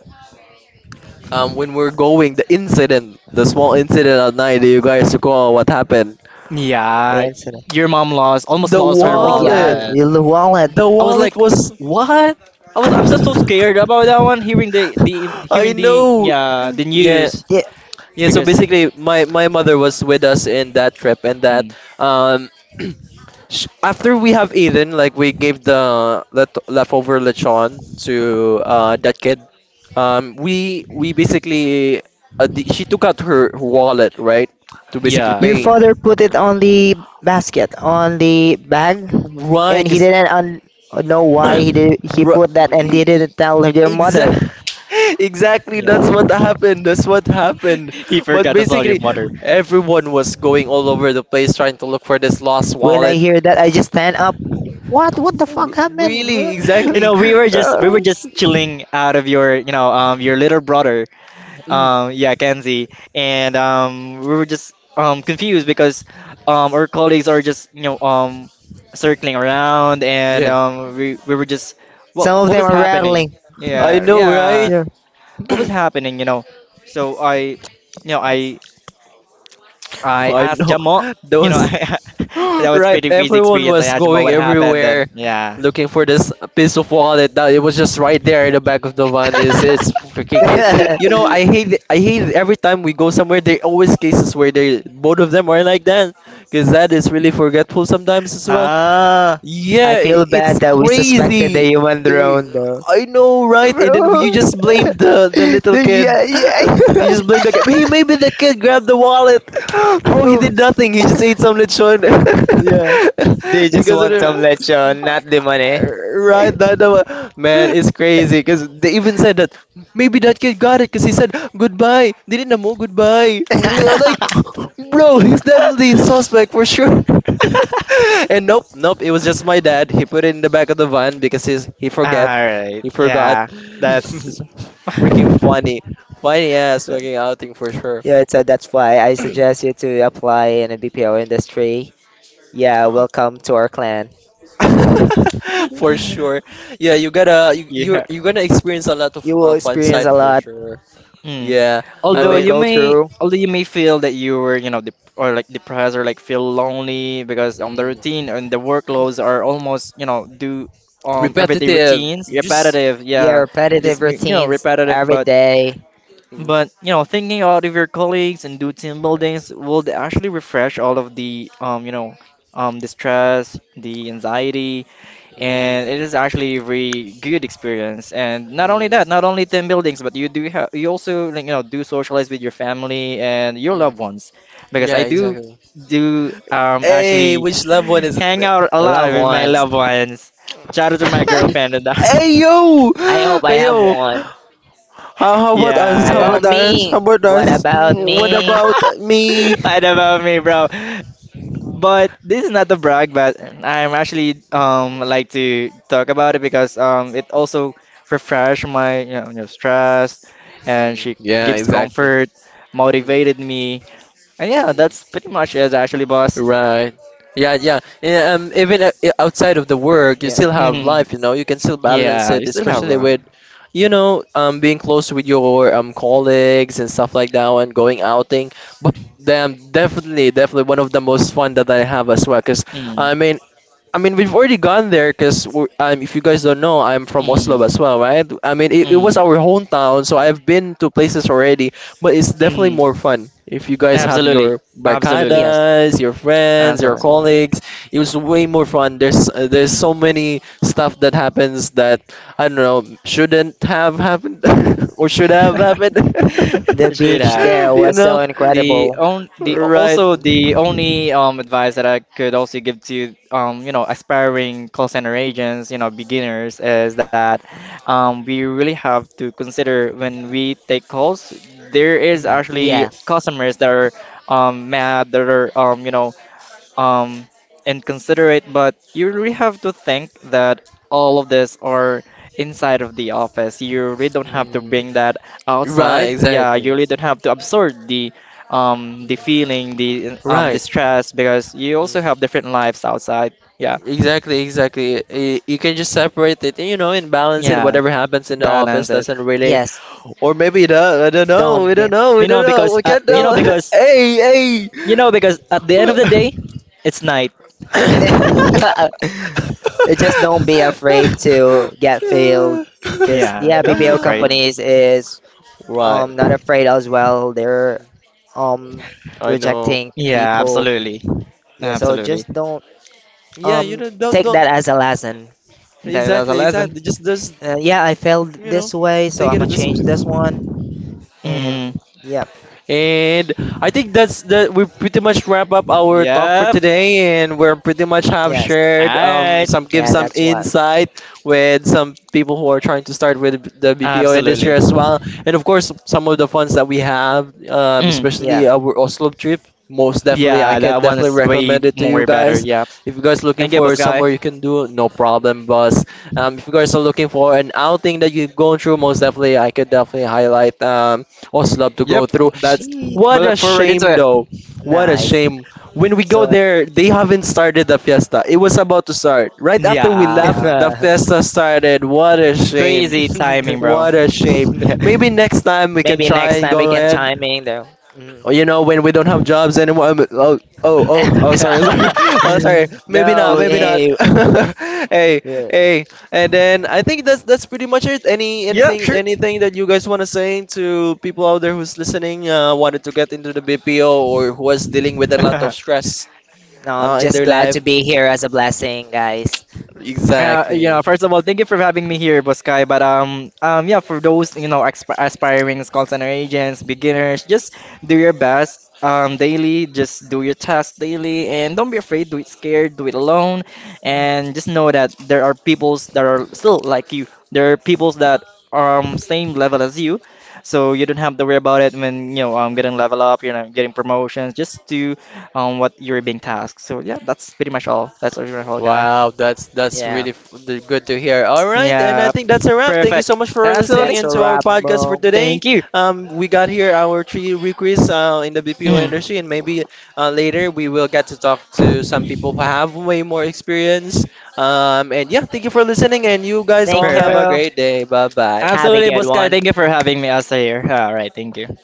Speaker 1: When we're going, the incident, the small incident at night that you guys recall what happened.
Speaker 2: Yeah,
Speaker 3: incident.
Speaker 2: your mom lost almost
Speaker 1: The
Speaker 2: lost her
Speaker 3: Oh yeah,
Speaker 1: wallet,
Speaker 2: wallet.
Speaker 3: the wallet.
Speaker 1: the
Speaker 2: I was
Speaker 1: wallet
Speaker 2: like,
Speaker 1: was.
Speaker 2: what? I'm so
Speaker 1: (laughs)
Speaker 2: scared about that one. Hearing the the
Speaker 1: I
Speaker 2: hearing the
Speaker 1: know.
Speaker 2: the
Speaker 1: Yeah,
Speaker 2: news
Speaker 3: Yeah,
Speaker 1: yeah, so
Speaker 2: because
Speaker 1: basically, my mother was with us in that trip, and that
Speaker 2: mm,
Speaker 1: (clears throat) after we have eaten, like we gave the leftover lechon to that kid. We basically she took out her wallet, right, to basically
Speaker 2: yeah,
Speaker 3: your
Speaker 1: pay.
Speaker 2: yeah,
Speaker 3: father put it on the basket, on the bag,
Speaker 1: Right,
Speaker 3: and he
Speaker 1: 'cause-
Speaker 3: didn't know why he did.
Speaker 1: (coughs)
Speaker 3: He
Speaker 1: Ru-
Speaker 3: put that and
Speaker 1: e-
Speaker 3: he didn't tell your
Speaker 1: e- (laughs)
Speaker 3: mother.
Speaker 1: exactly.
Speaker 2: yeah.
Speaker 1: That's what happened. That's what happened.
Speaker 2: (laughs) He
Speaker 1: But
Speaker 2: forgot to tell your
Speaker 1: basically,
Speaker 2: mother. (laughs)
Speaker 1: everyone was going all over the place trying to look for this lost
Speaker 3: When I
Speaker 1: wallet.
Speaker 3: hear that, I just stand up. What? What the fuck happened? (laughs)
Speaker 1: Really,
Speaker 2: You
Speaker 1: exactly.
Speaker 2: know, we were just chilling out of your, you know, your little brother,
Speaker 1: Mm,
Speaker 2: yeah, Kenzie, and we were just confused because our colleagues are just, you know, circling around, and
Speaker 1: yeah,
Speaker 2: we were just, what
Speaker 3: Some of
Speaker 2: what
Speaker 3: them
Speaker 2: was
Speaker 3: are
Speaker 2: happening,
Speaker 3: rattling.
Speaker 1: I
Speaker 2: yeah,
Speaker 1: know,
Speaker 2: yeah,
Speaker 1: right?
Speaker 3: Yeah.
Speaker 2: what was
Speaker 1: (coughs)
Speaker 2: happening, you know. So you know, I
Speaker 1: (clears throat)
Speaker 2: I
Speaker 1: I
Speaker 2: asked
Speaker 1: know.
Speaker 2: Jamo, you know, (laughs)
Speaker 1: Those. (gasps)
Speaker 2: that was
Speaker 1: Right,
Speaker 2: pretty crazy
Speaker 1: everyone
Speaker 2: experience. I
Speaker 1: was
Speaker 2: asked Jamo
Speaker 1: going
Speaker 2: what happened, and
Speaker 1: everywhere
Speaker 2: yeah.
Speaker 1: looking for this piece of wallet that it was just right there in the back of the van. It's freaking crazy. You know,
Speaker 3: (laughs)
Speaker 2: (laughs)
Speaker 1: I hate it every time we go somewhere. There always cases where they both of them are like that, because that is really forgetful sometimes as well.
Speaker 2: Ah.
Speaker 3: I
Speaker 1: Yeah,
Speaker 3: feel bad
Speaker 1: it's
Speaker 3: that we suspected the
Speaker 1: crazy.
Speaker 3: human
Speaker 1: I
Speaker 3: drone, though.
Speaker 1: I know, right? And then you
Speaker 3: Bro.
Speaker 1: just blame the
Speaker 3: (laughs)
Speaker 1: the little kid.
Speaker 3: Yeah,
Speaker 1: (laughs)
Speaker 3: yeah.
Speaker 1: You just blame the kid. Hey, maybe the kid grabbed the wallet. (gasps)
Speaker 3: (laughs)
Speaker 1: Bro, he
Speaker 3: Oh,
Speaker 1: did nothing. He just ate some lechon.
Speaker 3: yeah. They
Speaker 1: (laughs) He
Speaker 3: just
Speaker 1: goes in
Speaker 3: want
Speaker 1: there.
Speaker 3: some
Speaker 2: (laughs)
Speaker 3: lechon,
Speaker 1: (laughs)
Speaker 3: not the money.
Speaker 1: Right, not the one. Man,
Speaker 2: All
Speaker 1: it's crazy because they even said that maybe that kid got it because he said goodbye. They didn't know mo goodbye. We are like, (laughs) bro, he's definitely a suspect for sure. (laughs) And nope, it was just my dad. He put it in the back of the van because he forget,
Speaker 2: right.
Speaker 1: he forgot.
Speaker 2: Yeah. That's.
Speaker 1: It's
Speaker 2: (laughs)
Speaker 1: freaking funny, funny ass fucking outing for
Speaker 3: (laughs)
Speaker 1: sure.
Speaker 3: Yeah, so that's why I suggest you to apply in a BPO industry. Yeah, welcome to our clan. (laughs)
Speaker 1: (laughs) For sure. Yeah, you gotta
Speaker 2: Yeah.
Speaker 1: you're gonna experience a lot of
Speaker 3: You will
Speaker 1: fun
Speaker 3: experience
Speaker 1: side
Speaker 3: a
Speaker 1: for
Speaker 3: lot.
Speaker 1: sure.
Speaker 2: Mm.
Speaker 1: Yeah,
Speaker 3: You
Speaker 1: I
Speaker 2: Although
Speaker 3: will
Speaker 1: mean,
Speaker 2: you
Speaker 3: go
Speaker 2: may,
Speaker 3: through
Speaker 2: although you may feel that you were, you know, dep or like depressed or like feel lonely because the
Speaker 1: mm,
Speaker 2: routine and the workloads are almost, you know, do everyday
Speaker 1: repetitive.
Speaker 2: routines,
Speaker 1: You just.
Speaker 2: repetitive,
Speaker 3: yeah,
Speaker 2: yeah, just
Speaker 3: repetitive
Speaker 1: Mm.
Speaker 2: you know,
Speaker 3: routines
Speaker 2: repetitive.
Speaker 3: every
Speaker 2: But
Speaker 3: day.
Speaker 1: Mm,
Speaker 2: but you know, thinking out of your colleagues and do team buildings would actually refresh all of the you know the stress, the anxiety,
Speaker 1: mm,
Speaker 2: and it is actually a very good experience. And not only
Speaker 1: mm,
Speaker 2: that, not only team buildings, but you do have you also like, you know, do socialize with your family and your
Speaker 1: mm.
Speaker 2: loved ones, because I
Speaker 1: Yeah,
Speaker 2: do
Speaker 1: exactly.
Speaker 2: do
Speaker 1: Hey,
Speaker 2: actually
Speaker 1: which loved one
Speaker 2: (laughs)
Speaker 1: is
Speaker 2: hang
Speaker 1: it?
Speaker 2: out a
Speaker 3: The
Speaker 2: lot
Speaker 3: loved
Speaker 2: with my
Speaker 3: ones.
Speaker 2: loved ones.
Speaker 1: (laughs)
Speaker 2: Shout out to my girlfriend and
Speaker 1: Hey
Speaker 2: that.
Speaker 1: yo,
Speaker 3: I hope I
Speaker 1: hey
Speaker 3: have
Speaker 1: yo.
Speaker 3: one.
Speaker 2: (laughs)
Speaker 1: How about us?
Speaker 2: Yeah,
Speaker 1: How
Speaker 2: yeah.
Speaker 3: About
Speaker 1: about us? How
Speaker 3: me.
Speaker 1: about
Speaker 3: What
Speaker 1: us?
Speaker 3: about
Speaker 1: What
Speaker 3: me?
Speaker 1: about me?
Speaker 2: (laughs) I know about me, bro. But this is not a brag, but I'm actually like to talk about it because it also refresh my, you know, stress, and
Speaker 1: Mm,
Speaker 2: she
Speaker 1: yeah,
Speaker 2: gives
Speaker 3: Mm,
Speaker 1: exactly.
Speaker 2: comfort,
Speaker 1: Mm,
Speaker 2: motivated me, and yeah, that's
Speaker 1: mm.
Speaker 2: pretty much it actually, boss.
Speaker 1: Right. Yeah, yeah. Yeah, even outside of the work, you
Speaker 3: yeah.
Speaker 1: still have
Speaker 2: Mm,
Speaker 1: life, you know. You can still balance
Speaker 2: yeah,
Speaker 1: it,
Speaker 2: you still have
Speaker 1: especially
Speaker 2: love.
Speaker 1: with, you know, being close with your colleagues and stuff like that, and going outing. But damn, definitely, definitely one of the most fun that I have as well. Cause
Speaker 2: Mm,
Speaker 1: I mean, I mean, we've already gone there because if you guys don't know, I'm from Oslo
Speaker 2: mm,
Speaker 1: as well, right? I mean, it was
Speaker 2: mm,
Speaker 1: our hometown, so I've been to places already, but it's definitely
Speaker 2: mm.
Speaker 1: more fun if you guys have
Speaker 2: Absolutely,
Speaker 1: your
Speaker 2: absolutely,
Speaker 3: Yes.
Speaker 1: barcadas, your friends, your
Speaker 2: absolutely.
Speaker 3: So
Speaker 1: colleagues. It was way more fun. There's
Speaker 2: Mm.
Speaker 1: so many stuff that happens that I don't know shouldn't have happened (laughs) or should have happened.
Speaker 3: the
Speaker 2: (laughs) Should
Speaker 3: beach
Speaker 2: have.
Speaker 3: there
Speaker 1: (laughs) You
Speaker 3: was so
Speaker 1: know,
Speaker 2: The
Speaker 3: incredible.
Speaker 2: on the
Speaker 1: right?
Speaker 2: also The only advice that I could also give to you know aspiring call center agents, beginners is that we really have to consider when we take calls there is
Speaker 1: Mm,
Speaker 2: actually
Speaker 3: Yeah.
Speaker 2: customers that are mad, that are um, inconsiderate, but you really have to think that all of this are inside of the office. You really don't have to
Speaker 1: mm.
Speaker 2: bring that
Speaker 1: Right,
Speaker 2: outside. Yeah, you
Speaker 1: exactly.
Speaker 2: really don't have to absorb
Speaker 1: Mm.
Speaker 2: the feeling, the
Speaker 1: Right.
Speaker 2: stress because you also
Speaker 1: Mm,
Speaker 2: have different lives outside. Yeah,
Speaker 1: exactly, exactly. You can just separate it, you know, and balance it.
Speaker 2: yeah,
Speaker 1: Whatever happens in the office
Speaker 2: balance it.
Speaker 1: doesn't really,
Speaker 3: Yes.
Speaker 1: or maybe it does. I don't know. We
Speaker 3: Don't be
Speaker 1: don't know. We
Speaker 2: You
Speaker 1: don't
Speaker 2: know,
Speaker 1: know.
Speaker 2: because
Speaker 1: We
Speaker 2: at,
Speaker 1: can't
Speaker 3: with.
Speaker 1: tell. (laughs) Hey, hey.
Speaker 2: you know because at the end of
Speaker 1: What-
Speaker 2: the day, it's night. (laughs)
Speaker 3: (laughs) Just don't be afraid to get failed. Because
Speaker 2: Yeah,
Speaker 3: yeah,
Speaker 2: don't be
Speaker 3: BPO
Speaker 2: afraid.
Speaker 3: companies is
Speaker 1: (laughs) Right.
Speaker 3: not afraid as well. They're um
Speaker 1: I know.
Speaker 3: rejecting
Speaker 2: Yeah,
Speaker 3: people.
Speaker 1: Mm.
Speaker 2: absolutely.
Speaker 3: Yeah, so
Speaker 2: Absolutely.
Speaker 3: just don't
Speaker 1: Yeah, you
Speaker 3: um take
Speaker 1: don't
Speaker 3: that as a lesson.
Speaker 2: That's a
Speaker 1: exactly
Speaker 2: lesson.
Speaker 1: exactly. Just
Speaker 3: Yeah, I failed
Speaker 1: you know,
Speaker 3: this way, so
Speaker 1: take
Speaker 3: I'm
Speaker 1: it
Speaker 3: gonna
Speaker 1: a bit.
Speaker 3: change this one.
Speaker 2: Mm,
Speaker 3: And yeah,
Speaker 1: And I think that's that we pretty much wrap up our talk for
Speaker 2: yep.
Speaker 1: today and we're pretty much have
Speaker 3: yes,
Speaker 2: All
Speaker 1: shared
Speaker 2: right.
Speaker 1: some give
Speaker 3: yeah,
Speaker 1: some
Speaker 3: that's what.
Speaker 1: insight with some people who are trying to start with the BPO industry
Speaker 2: Absolutely.
Speaker 1: as well. And of course some of the funds that we have
Speaker 2: Mm,
Speaker 3: Yeah,
Speaker 1: especially our Oslo trip most definitely I
Speaker 2: yeah,
Speaker 3: mm.
Speaker 1: can
Speaker 2: that one
Speaker 1: definitely
Speaker 2: is way
Speaker 1: recommend it to you
Speaker 2: more better.
Speaker 1: guys.
Speaker 2: Yeah.
Speaker 1: If you guys looking
Speaker 2: Thank you,
Speaker 1: for
Speaker 2: boss guy.
Speaker 1: somewhere you can do no problem boss. If you guys are looking for an outing that you've gone through most definitely I could definitely highlight Oslo to go
Speaker 2: Yep.
Speaker 1: through.
Speaker 2: That's. We
Speaker 3: Cheat,
Speaker 1: What a
Speaker 2: look forward into
Speaker 1: shame,
Speaker 2: it.
Speaker 1: though. What a
Speaker 3: nice.
Speaker 1: shame. When we go
Speaker 3: So
Speaker 1: there, they haven't started the fiesta. It was about to start. Right after we
Speaker 3: (laughs) maybe
Speaker 1: left,
Speaker 2: Yeah.
Speaker 1: the fiesta started. What a shame.
Speaker 2: Crazy timing, bro.
Speaker 1: What a shame. Maybe next time we can
Speaker 3: next
Speaker 1: try and
Speaker 3: time we
Speaker 1: go
Speaker 3: can
Speaker 1: ahead
Speaker 3: chime in though. Mm.
Speaker 1: well, you know, when we don't have jobs anymore. Oh, oh, oh, oh, sorry, (laughs) sorry. Oh, sorry.
Speaker 3: (laughs)
Speaker 1: Maybe not,
Speaker 3: No,
Speaker 1: maybe not.
Speaker 2: (laughs)
Speaker 3: hey,
Speaker 1: (laughs) Hey,
Speaker 3: no,
Speaker 1: hey. And then I think that's pretty much it.
Speaker 2: Yeah,
Speaker 1: Anything
Speaker 2: sure.
Speaker 1: anything that you guys want to say to people out there who's listening, wanted to get into the BPO or who was dealing with a lot of
Speaker 2: (laughs)
Speaker 1: stress
Speaker 3: I'm
Speaker 1: in
Speaker 3: just
Speaker 1: their
Speaker 3: glad to
Speaker 1: life?
Speaker 3: be here as a blessing, guys.
Speaker 2: You know,
Speaker 1: Exactly.
Speaker 2: first of all, thank you for having me here, Boskai. But yeah, for those, you know, exp aspiring call center agents, beginners, just do your best daily. Just do your tasks daily, and don't be afraid. Do it scared. Do it alone, and just know that there are peoples that are still like you. There are peoples that are same level as you, so you don't have to worry about it when getting level up. You know, getting promotions. Just do what you're being tasked. So yeah, that's pretty much all. That's all, guy.
Speaker 1: Wow, that's
Speaker 3: Yeah.
Speaker 1: really good to hear. All right, and I
Speaker 2: Yeah,
Speaker 1: think that's a wrap. Thank you
Speaker 2: perfect.
Speaker 1: so much for listening
Speaker 2: Absolutely.
Speaker 3: That's a
Speaker 1: into our
Speaker 3: wrap,
Speaker 1: podcast for
Speaker 3: bro.
Speaker 1: today.
Speaker 2: Thank you.
Speaker 1: We got here our three recruits in the BPO
Speaker 2: Mm,
Speaker 1: industry, and maybe later we will get to talk to some people who have way more experience. And yeah, thank you for listening, and you guys all
Speaker 3: Thank
Speaker 1: have
Speaker 2: perfect.
Speaker 1: a
Speaker 3: you.
Speaker 1: great day. Bye bye.
Speaker 3: Have a
Speaker 2: Absolutely,
Speaker 3: good
Speaker 2: Boskai.
Speaker 3: one.
Speaker 2: Thank you for having me as here. All right, thank you.